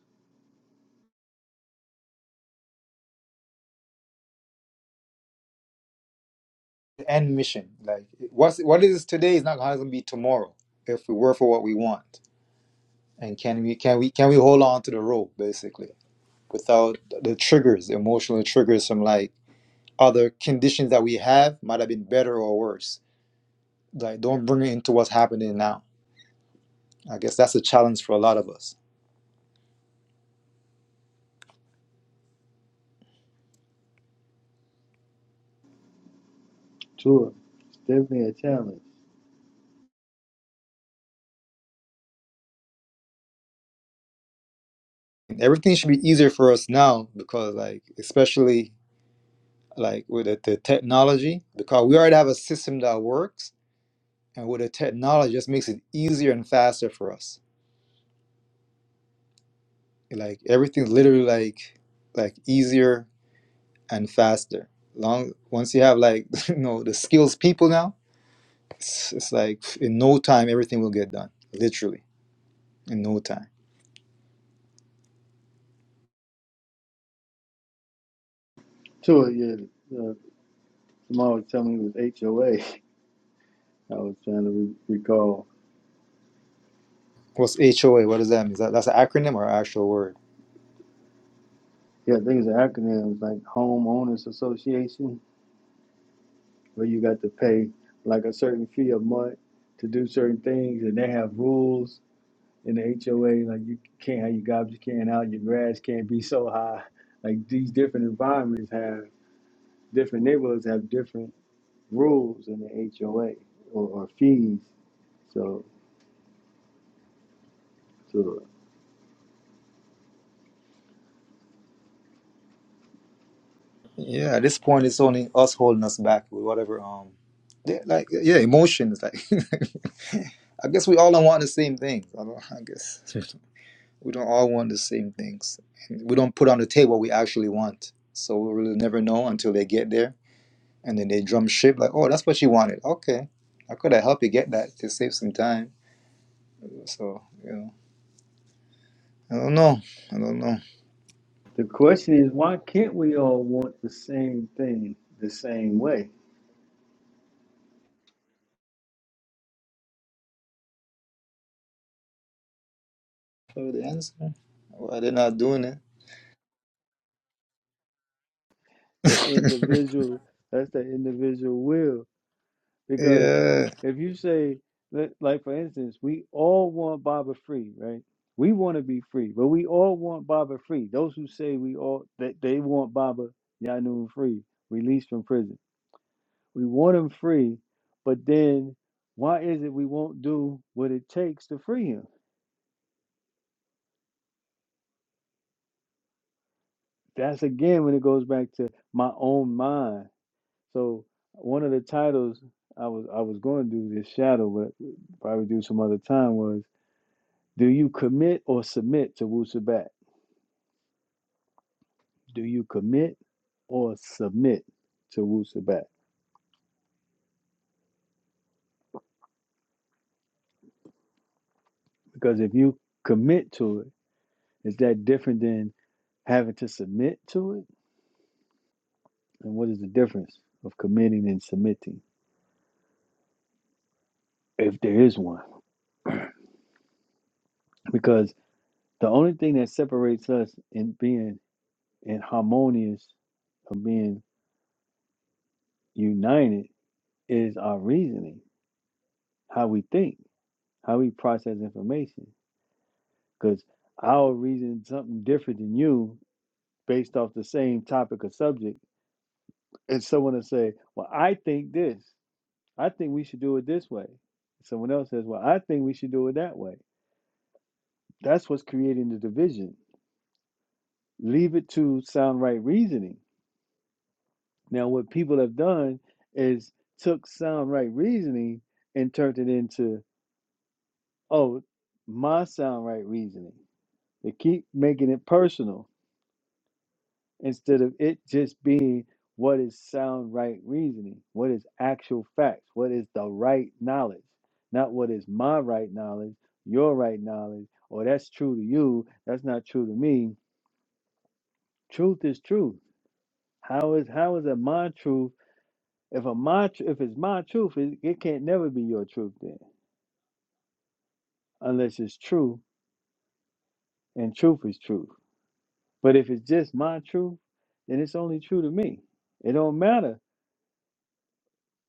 end mission. Like what's what is today is not going to be tomorrow if we work for what we want. And can we can we can we hold on to the rope basically without the triggers, emotional triggers from like other conditions that we have might have been better or worse. Like don't bring it into what's happening now. I guess that's a challenge for a lot of us. Sure, it's definitely a challenge everything should be easier for us now because like especially like with the, the technology because we already have a system that works and with the technology it just makes it easier and faster for us like everything's literally like like easier and faster long once you have like you know the skills people now it's, it's like in no time everything will get done literally in no time To it, yeah. Uh, Jamal was telling me it was HOA. I was trying to re- recall. what's hoa what does that mean Is that, that's an acronym or an actual word Yeah, I think it's an acronym. It's like Homeowners Association, where you got to pay like a certain fee a month to do certain things, and they have rules in the HOA. Like you can't have your garbage can out, your grass can't be so high. Like these different environments have different neighborhoods have different rules in the HOA or, or fees. So, so yeah at this point it's only us holding us back with whatever um yeah, like yeah emotions like i guess we all don't want the same things i don't i guess We don't all want the same things. we don't put on the table what we actually want. So we'll really never know until they get there. And then they drum ship like, oh, that's what she wanted. Okay. How could I help you get that to save some time? So, you know, I don't know. I don't know. The question is, why can't we all want the same thing the same way? So the answer, why they're not doing it. The individual, that's the individual will. Because yeah. if you say, li- like for instance, we all want Baba free, right? We want to be free, but we all want Baba free. Those who say we all that they want Baba Yanun free, released from prison. We want him free, but then why is it we won't do what it takes to free him? That's again when it goes back to my own mind So one of the titles I was I was going to do this shadow, but probably do some other time was Do you commit or submit to Wu Sabat? Do you commit or submit to Wu Sabat? Because if you commit to it, is that different than having to submit to it? And what is the difference of committing and submitting, if there is one? Because the only thing that separates us in being in harmonious, of being united is our reasoning, how we think, how we process information. Because I'll reason something different than you based off the same topic or subject. And someone will say, Well, I think this. I think we should do it this way. Someone else says, Well, I think we should do it that way. That's what's creating the division. Leave it to sound right reasoning. Now, what people have done is took sound right reasoning and turned it into, oh, my sound right reasoning They keep making it personal instead of it just being what is sound right reasoning, what is actual facts, what is the right knowledge, not what is my right knowledge, your right knowledge, or that's true to you, that's not true to me. Truth is truth. How is how is it my truth? If a my tr- if it's my truth, it, it can't never be your truth then, unless it's true and truth is truth. But if it's just my truth, then it's only true to me. It don't matter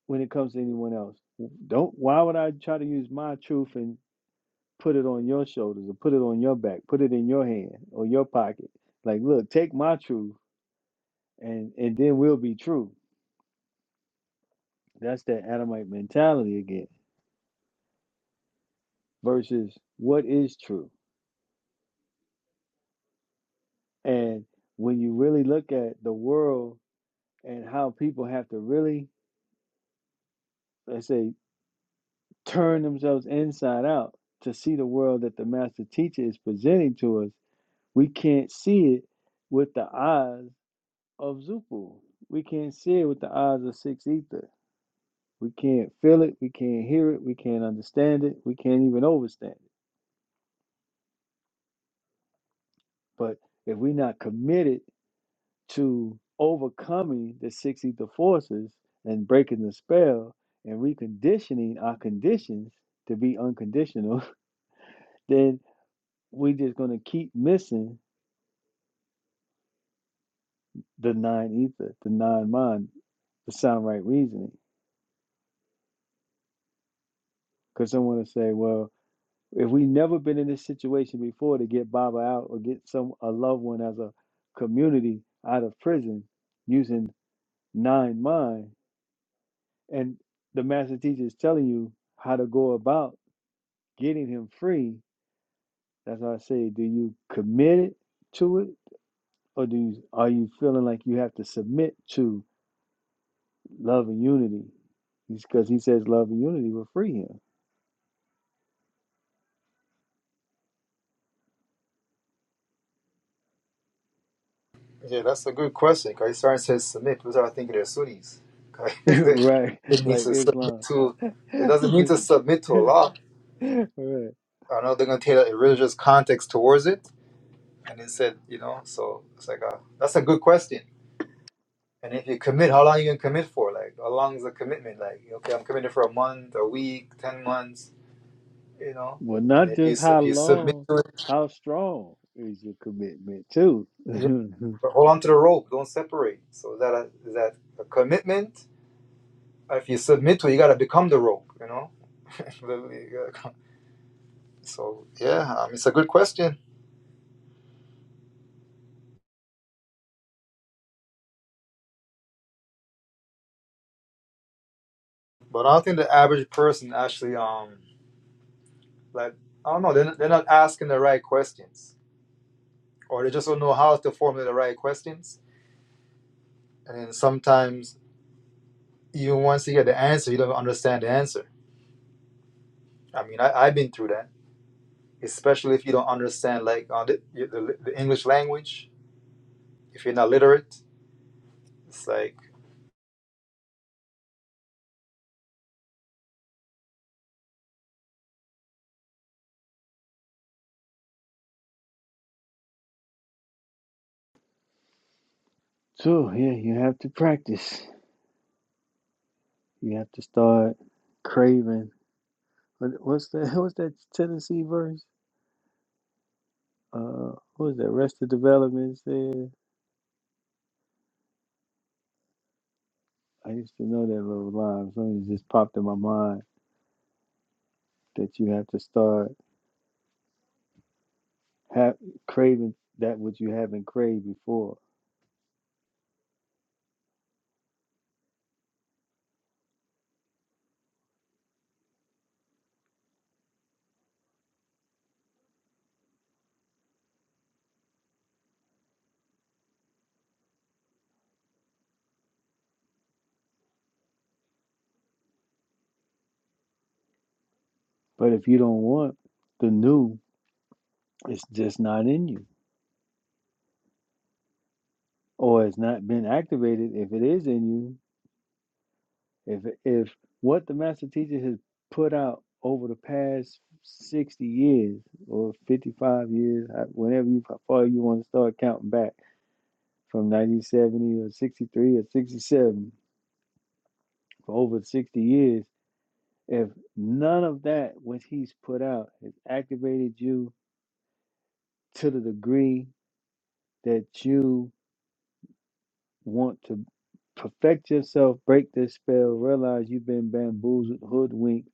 when it comes to anyone else. Don't why would I try to use my truth and put it on your shoulders or put it on your back, put it in your hand or your pocket? Like, look, take my truth and and then we'll be true. That's that Adamite mentality again versus what is true. And when you really look at the world and how people have to really, let's say, turn themselves inside out to see the world that the master teacher is presenting to us, we can't see it with the eyes of Zupu. We can't see it with the eyes of six ether. We can't feel it. We can't hear it. We can't understand it. We can't even overstand it. But if we're not committed to overcoming the six ether forces and breaking the spell and reconditioning our conditions to be unconditional, then we're just going to keep missing the nine ether, the nine mind, the sound right reasoning. Because someone will say, well, If we never been in this situation before to get Baba out or get some a loved one as a community out of prison using nine mind, and the master teacher is telling you how to go about getting him free, that's why I say, do you commit it to it, or do you are you feeling like you have to submit to love and unity? Because he says love and unity will free him, Yeah, that's a good question. Because Israel says submit. People start thinking they're Sunnis. 'Cause right? it means Like to submit Islam, to, it doesn't mean to submit to Allah. right? I know they're going to take a religious context towards it. And it said, you know, so it's like, a, that's a good question. And if you commit, how long you going to commit for? Like, how long is the commitment? Like, okay, I'm committed for a month, a week, 10 months, you know? Well, And not if just you, how if you submit long, to how strong is your commitment too. it, you- hold on to the rope, don't separate. So is that a, is that a commitment? If you submit to it, you got to become the rope, you know? so, yeah, um, it's a good question. But I don't think the average person actually, um, like, I don't know, they're, they're not asking the right questions or they just don't know how to formulate the right questions. And then sometimes, even once you get the answer, you don't understand the answer. I mean, I, I've been through that, especially if you don't understand like uh, the, the, the English language. If you're not literate, it's like so yeah, you have to practice. You have to start craving. what- What's that? What's that Tennessee verse? Uh, what was that? Rest of development said. I used to know that little line. Something just popped in my mind that you have to start have craving that which you haven't craved before. But if you don't want the new, it's just not in you. or has not been activated if it is in you if if what the master teacher has put out over the past 60 years or 55 years whenever you how far you want to start counting back from 1970 or 63 or 67 for over 60 years if none of that which he's put out has activated you to the degree that you want to perfect yourself break this spell realize you've been bamboozled hoodwinked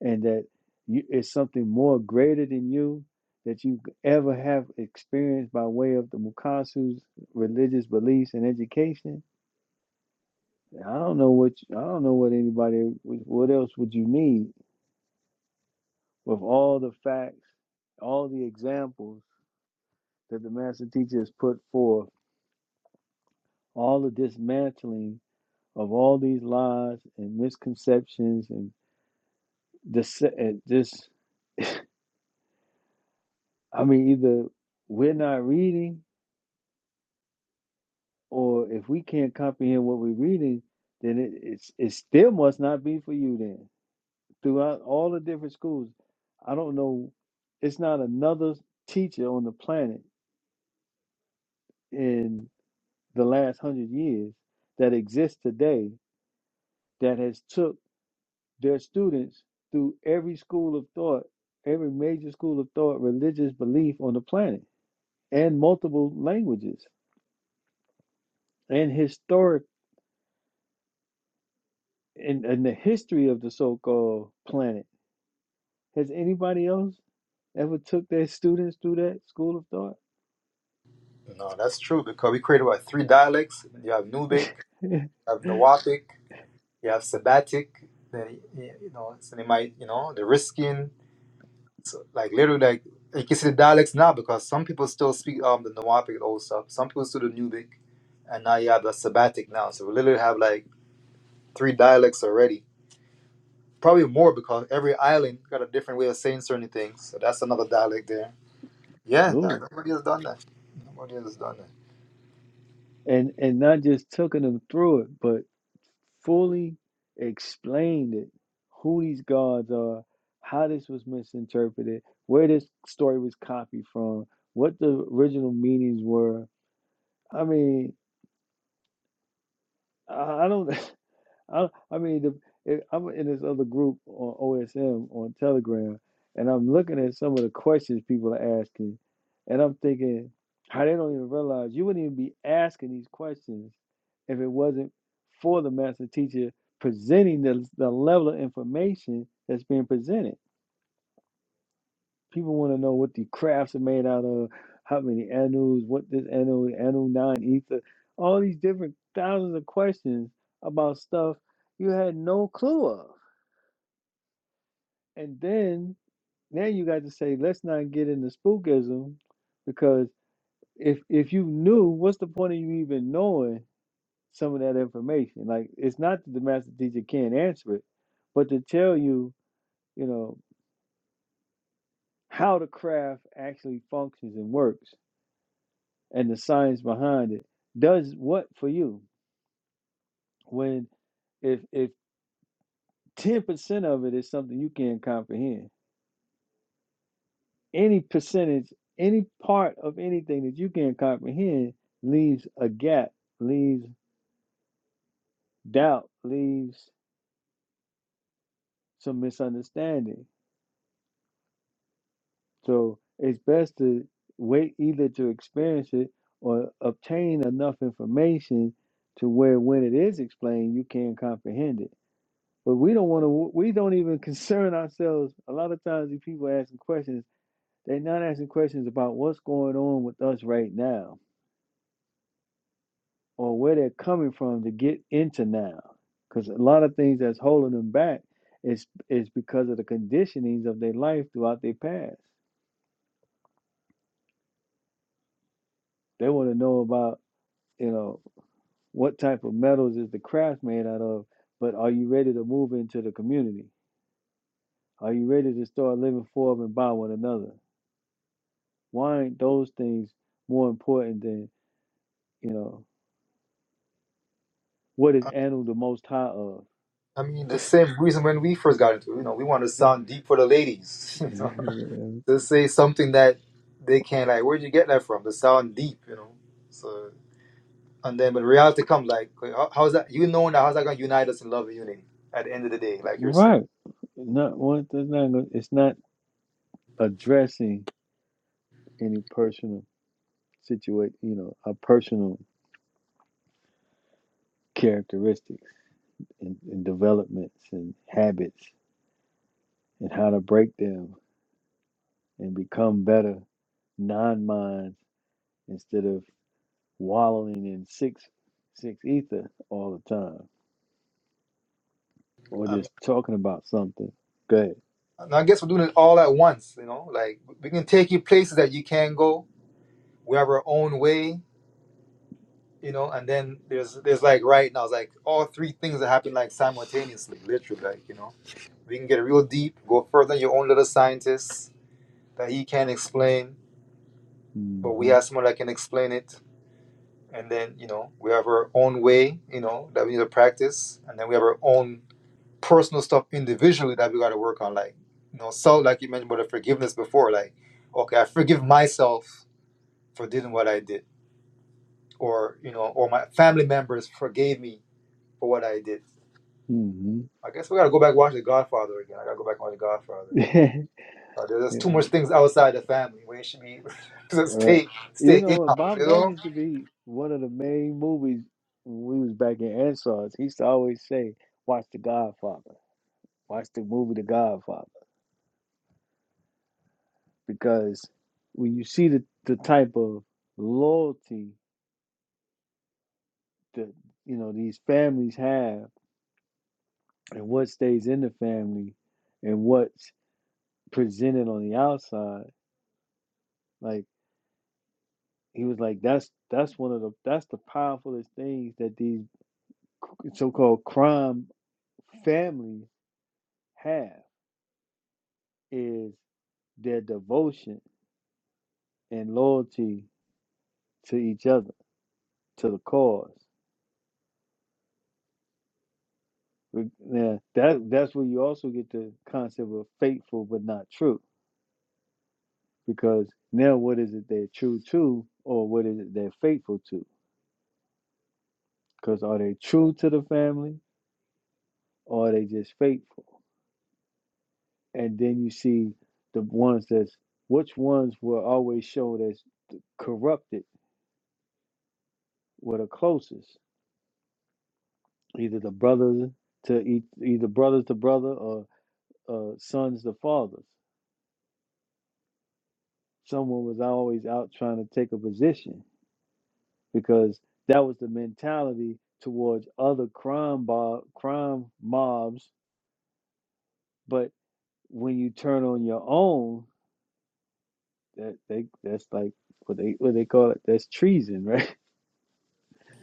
and that you, it's something more greater than you that you ever have experienced by way of the Mukasu's religious beliefs and education. I don't know what you, I don't know what anybody what else would you need with all the facts, all the examples that the master teacher has put forth, all the dismantling of all these lies and misconceptions and this and this. I mean, either we're not reading or if we can't comprehend what we're reading, then it, it's it still must not be for you. Then throughout all the different schools, I don't know, it's not another teacher on the planet in the last hundred years that exists today that has took their students through every school of thought, every major school of thought, religious belief on the planet, and multiple languages, and historic and, and the history of the so-called planet Has anybody else ever took their students through that school of thought? no, that's true because we created what three dialects. You have Nubic, you have Nawapic, you have Sabbatic. Then you know, so they might you know the Riskin. So, like literally, like you can see the dialects now because some people still speak um the Nahuatl old stuff. Some people still the Nubic, and now you have the Sabbatic now. So we literally have like three dialects already. Probably more because every island got a different way of saying certain things. So that's another dialect there. Yeah, Sure. no- nobody has done that. Nobody has done that. And and not just taking them through it, but fully explained it, who these gods are, how this was misinterpreted, where this story was copied from, what the original meanings were. I mean, I I don't I I mean the if I'm in this other group on OSM on Telegram, and I'm looking at some of the questions people are asking, and I'm thinking how they don't even realize you wouldn't even be asking these questions if it wasn't for the master teacher presenting the the level of information that's being presented. People want to know what the crafts are made out of, how many anus, what this anu, anu nine ether, all these different thousands of questions about stuff you had no clue of. And then now you got to say, let's not get into spookism because if if you knew, what's the point of you even knowing some of that information? Like it's not that the master teacher can't answer it, but to tell you, you know, how the craft actually functions and works and the science behind it does what for you when if if 10% of it is something you can't comprehend any percentage any part of anything that you can't comprehend leaves a gap leaves doubt leaves some misunderstanding so it's best to wait either to experience it or obtain enough information to where when it is explained you can comprehend it But we don't want to. We don't even concern ourselves. A lot of times, these people asking questions, they're not asking questions about what's going on with us right now, or where they're coming from to get into now. Because a lot of things that's holding them back is is because of the conditionings of their life throughout their past. They want to know about you know what type of metals is the craft made out of, but are you ready to move into the community? Are you ready to start living for and by one another? Why aren't those things more important than, you know, what is Anu the most high of? I mean, the same reason when we first got into it, you know, we wanted to sound deep for the ladies. you know, to say something that they can't, like, where'd you get that from? To sound deep, you know. So. And then, but reality comes like, how, how's that? You know now, how's that going to unite us in love and unity at the end of the day, like you're saying? right. Not one that's not gonna, it's not addressing any personal situation, you know, our personal characteristics and, and developments and habits and how to break them and become better non minds instead of wallowing in six six ether all the time or I mean, just talking about something. Good. and I guess we're doing it all at once, you know? Like, we can take you places that you can not go. We have our own way, you know? And then there's, there's like right now, it's like all three things that happen like simultaneously, literally, like, you know? We can get real deep, go further than your own little scientist that he can't explain, hmm but we have someone that can explain it. And then, you know, we have our own way, you know, that we need to practice. And then we have our own personal stuff individually that we got to work on. Like, you know, self, like you mentioned about the forgiveness before. Like, okay, I forgive myself for doing what I did, or you know, or my family members forgave me for what I did. hmm I guess we got to go back and watch The Godfather again. I got to go back and watch The Godfather again. Uh, there's too much things outside the family where it should be just All right. stay You stay in know what, house, Bob, you that know. used to be one of the main movies when we was back in Ansar's. He used to always say, Watch The Godfather. Watch the movie The Godfather. Because when you see the, the type of loyalty that you know these families have and what stays in the family and what's presented on the outside, like he was like, That's that's one of the that's the powerfulest things that these so-called crime families have is their devotion and loyalty to each other, to the cause. Now, that that's where you also get the concept of faithful but not true, because now what is it they're true to, or what is it they're faithful to? Because are they true to the family, or are they just faithful? And then you see the ones that's which ones were always shown as corrupted were the closest either the brothers to each, either brothers to brother or uh, sons to fathers. Someone was always out trying to take a position because that was the mentality towards other crime mob, crime mobs. But when you turn on your own, that they that's like what they what they call it. That's treason, right?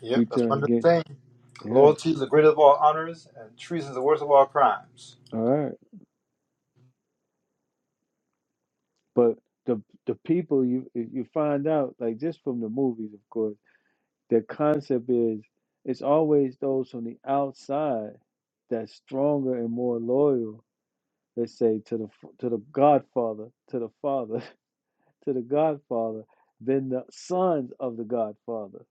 Yep, You that's turn one of the against. things. Yeah, Loyalty is the greatest of all honors, and treason is the worst of all crimes. all right. But the the people you you find out like just from the movies, of course The concept is it's always those from the outside that's stronger and more loyal, let's say, to the f- to the Godfather, to the Father, to the Godfather, than the sons of the Godfather,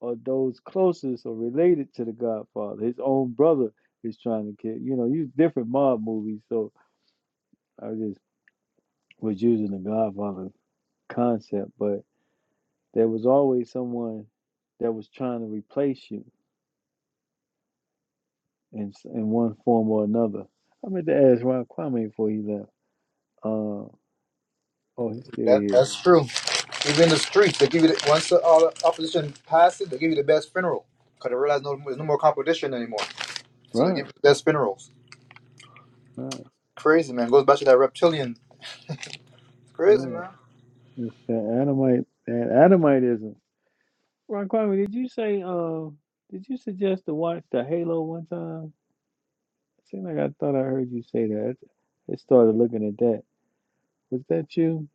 or those closest or related to the Godfather. His own brother is trying to kill. You know, use different mob movies. So I just was using the Godfather concept, but there was always someone that was trying to replace you in in one form or another. I meant to ask Rob Kwame before he left. Uh, oh, he's still That here. that's true. Even in the streets, they give you the, once the all the opposition passes, they give you the best funeral because they realize no, there's no more competition anymore. So they Right, give you the best funerals. right, Crazy man, goes back to that reptilian. Crazy yeah. man. It's that Adamite, that Adamitism. Rob Kwame, did you say? Uh, did you suggest to watch the Halo one time? It seemed like I thought I heard you say that. I started looking at that. Was that you?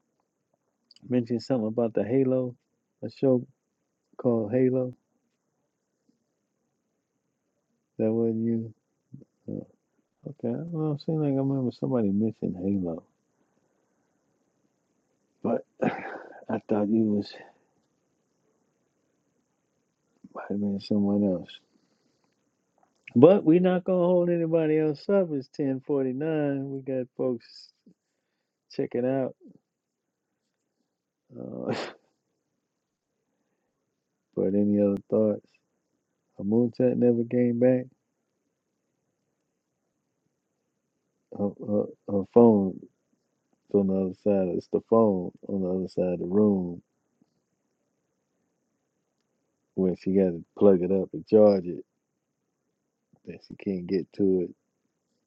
Mentioned something about the Halo, a show called Halo. That wasn't you. Oh, okay, well, it seemed like I remember somebody mentioned Halo. But I thought you was might have been someone else. But we're not gonna hold anybody else up. It's ten forty nine. We got folks checking out. Uh, but any other thoughts? A moonshot never came back. Her, her, her phone is on the other side. It's the phone on the other side of the room where she got to plug it up and charge it. And she can't get to it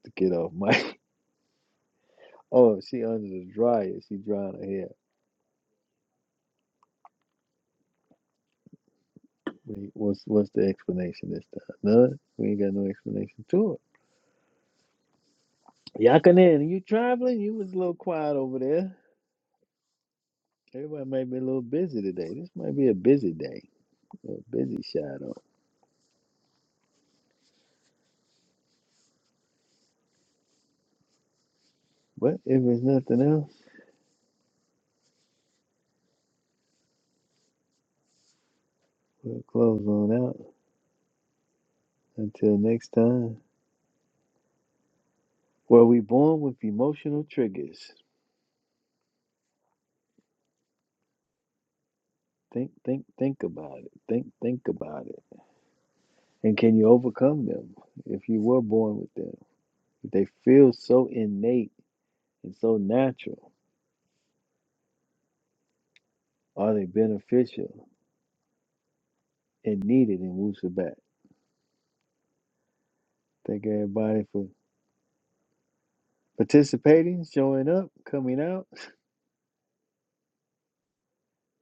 to get off mic. oh, she under the dryer. She drying her hair Wait, what's what's the explanation this time? None. We ain't got no explanation to it. Yakanan, you traveling? You was a little quiet over there. Everybody might be a little busy today. This might be a busy day, a busy shadow. But if there's nothing else, we'll close on out until next time. Were we born with emotional triggers? Think, think, think about it. Think, think about it. And can you overcome them if you were born with them? They feel so innate and so natural. Are they beneficial and needed in Wusabat? Thank everybody for participating, showing up, coming out.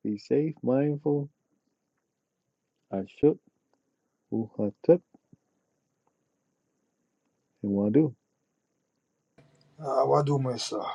Be safe, mindful. Ashuk, Uhatep, and Wadu. Ah, what do myself?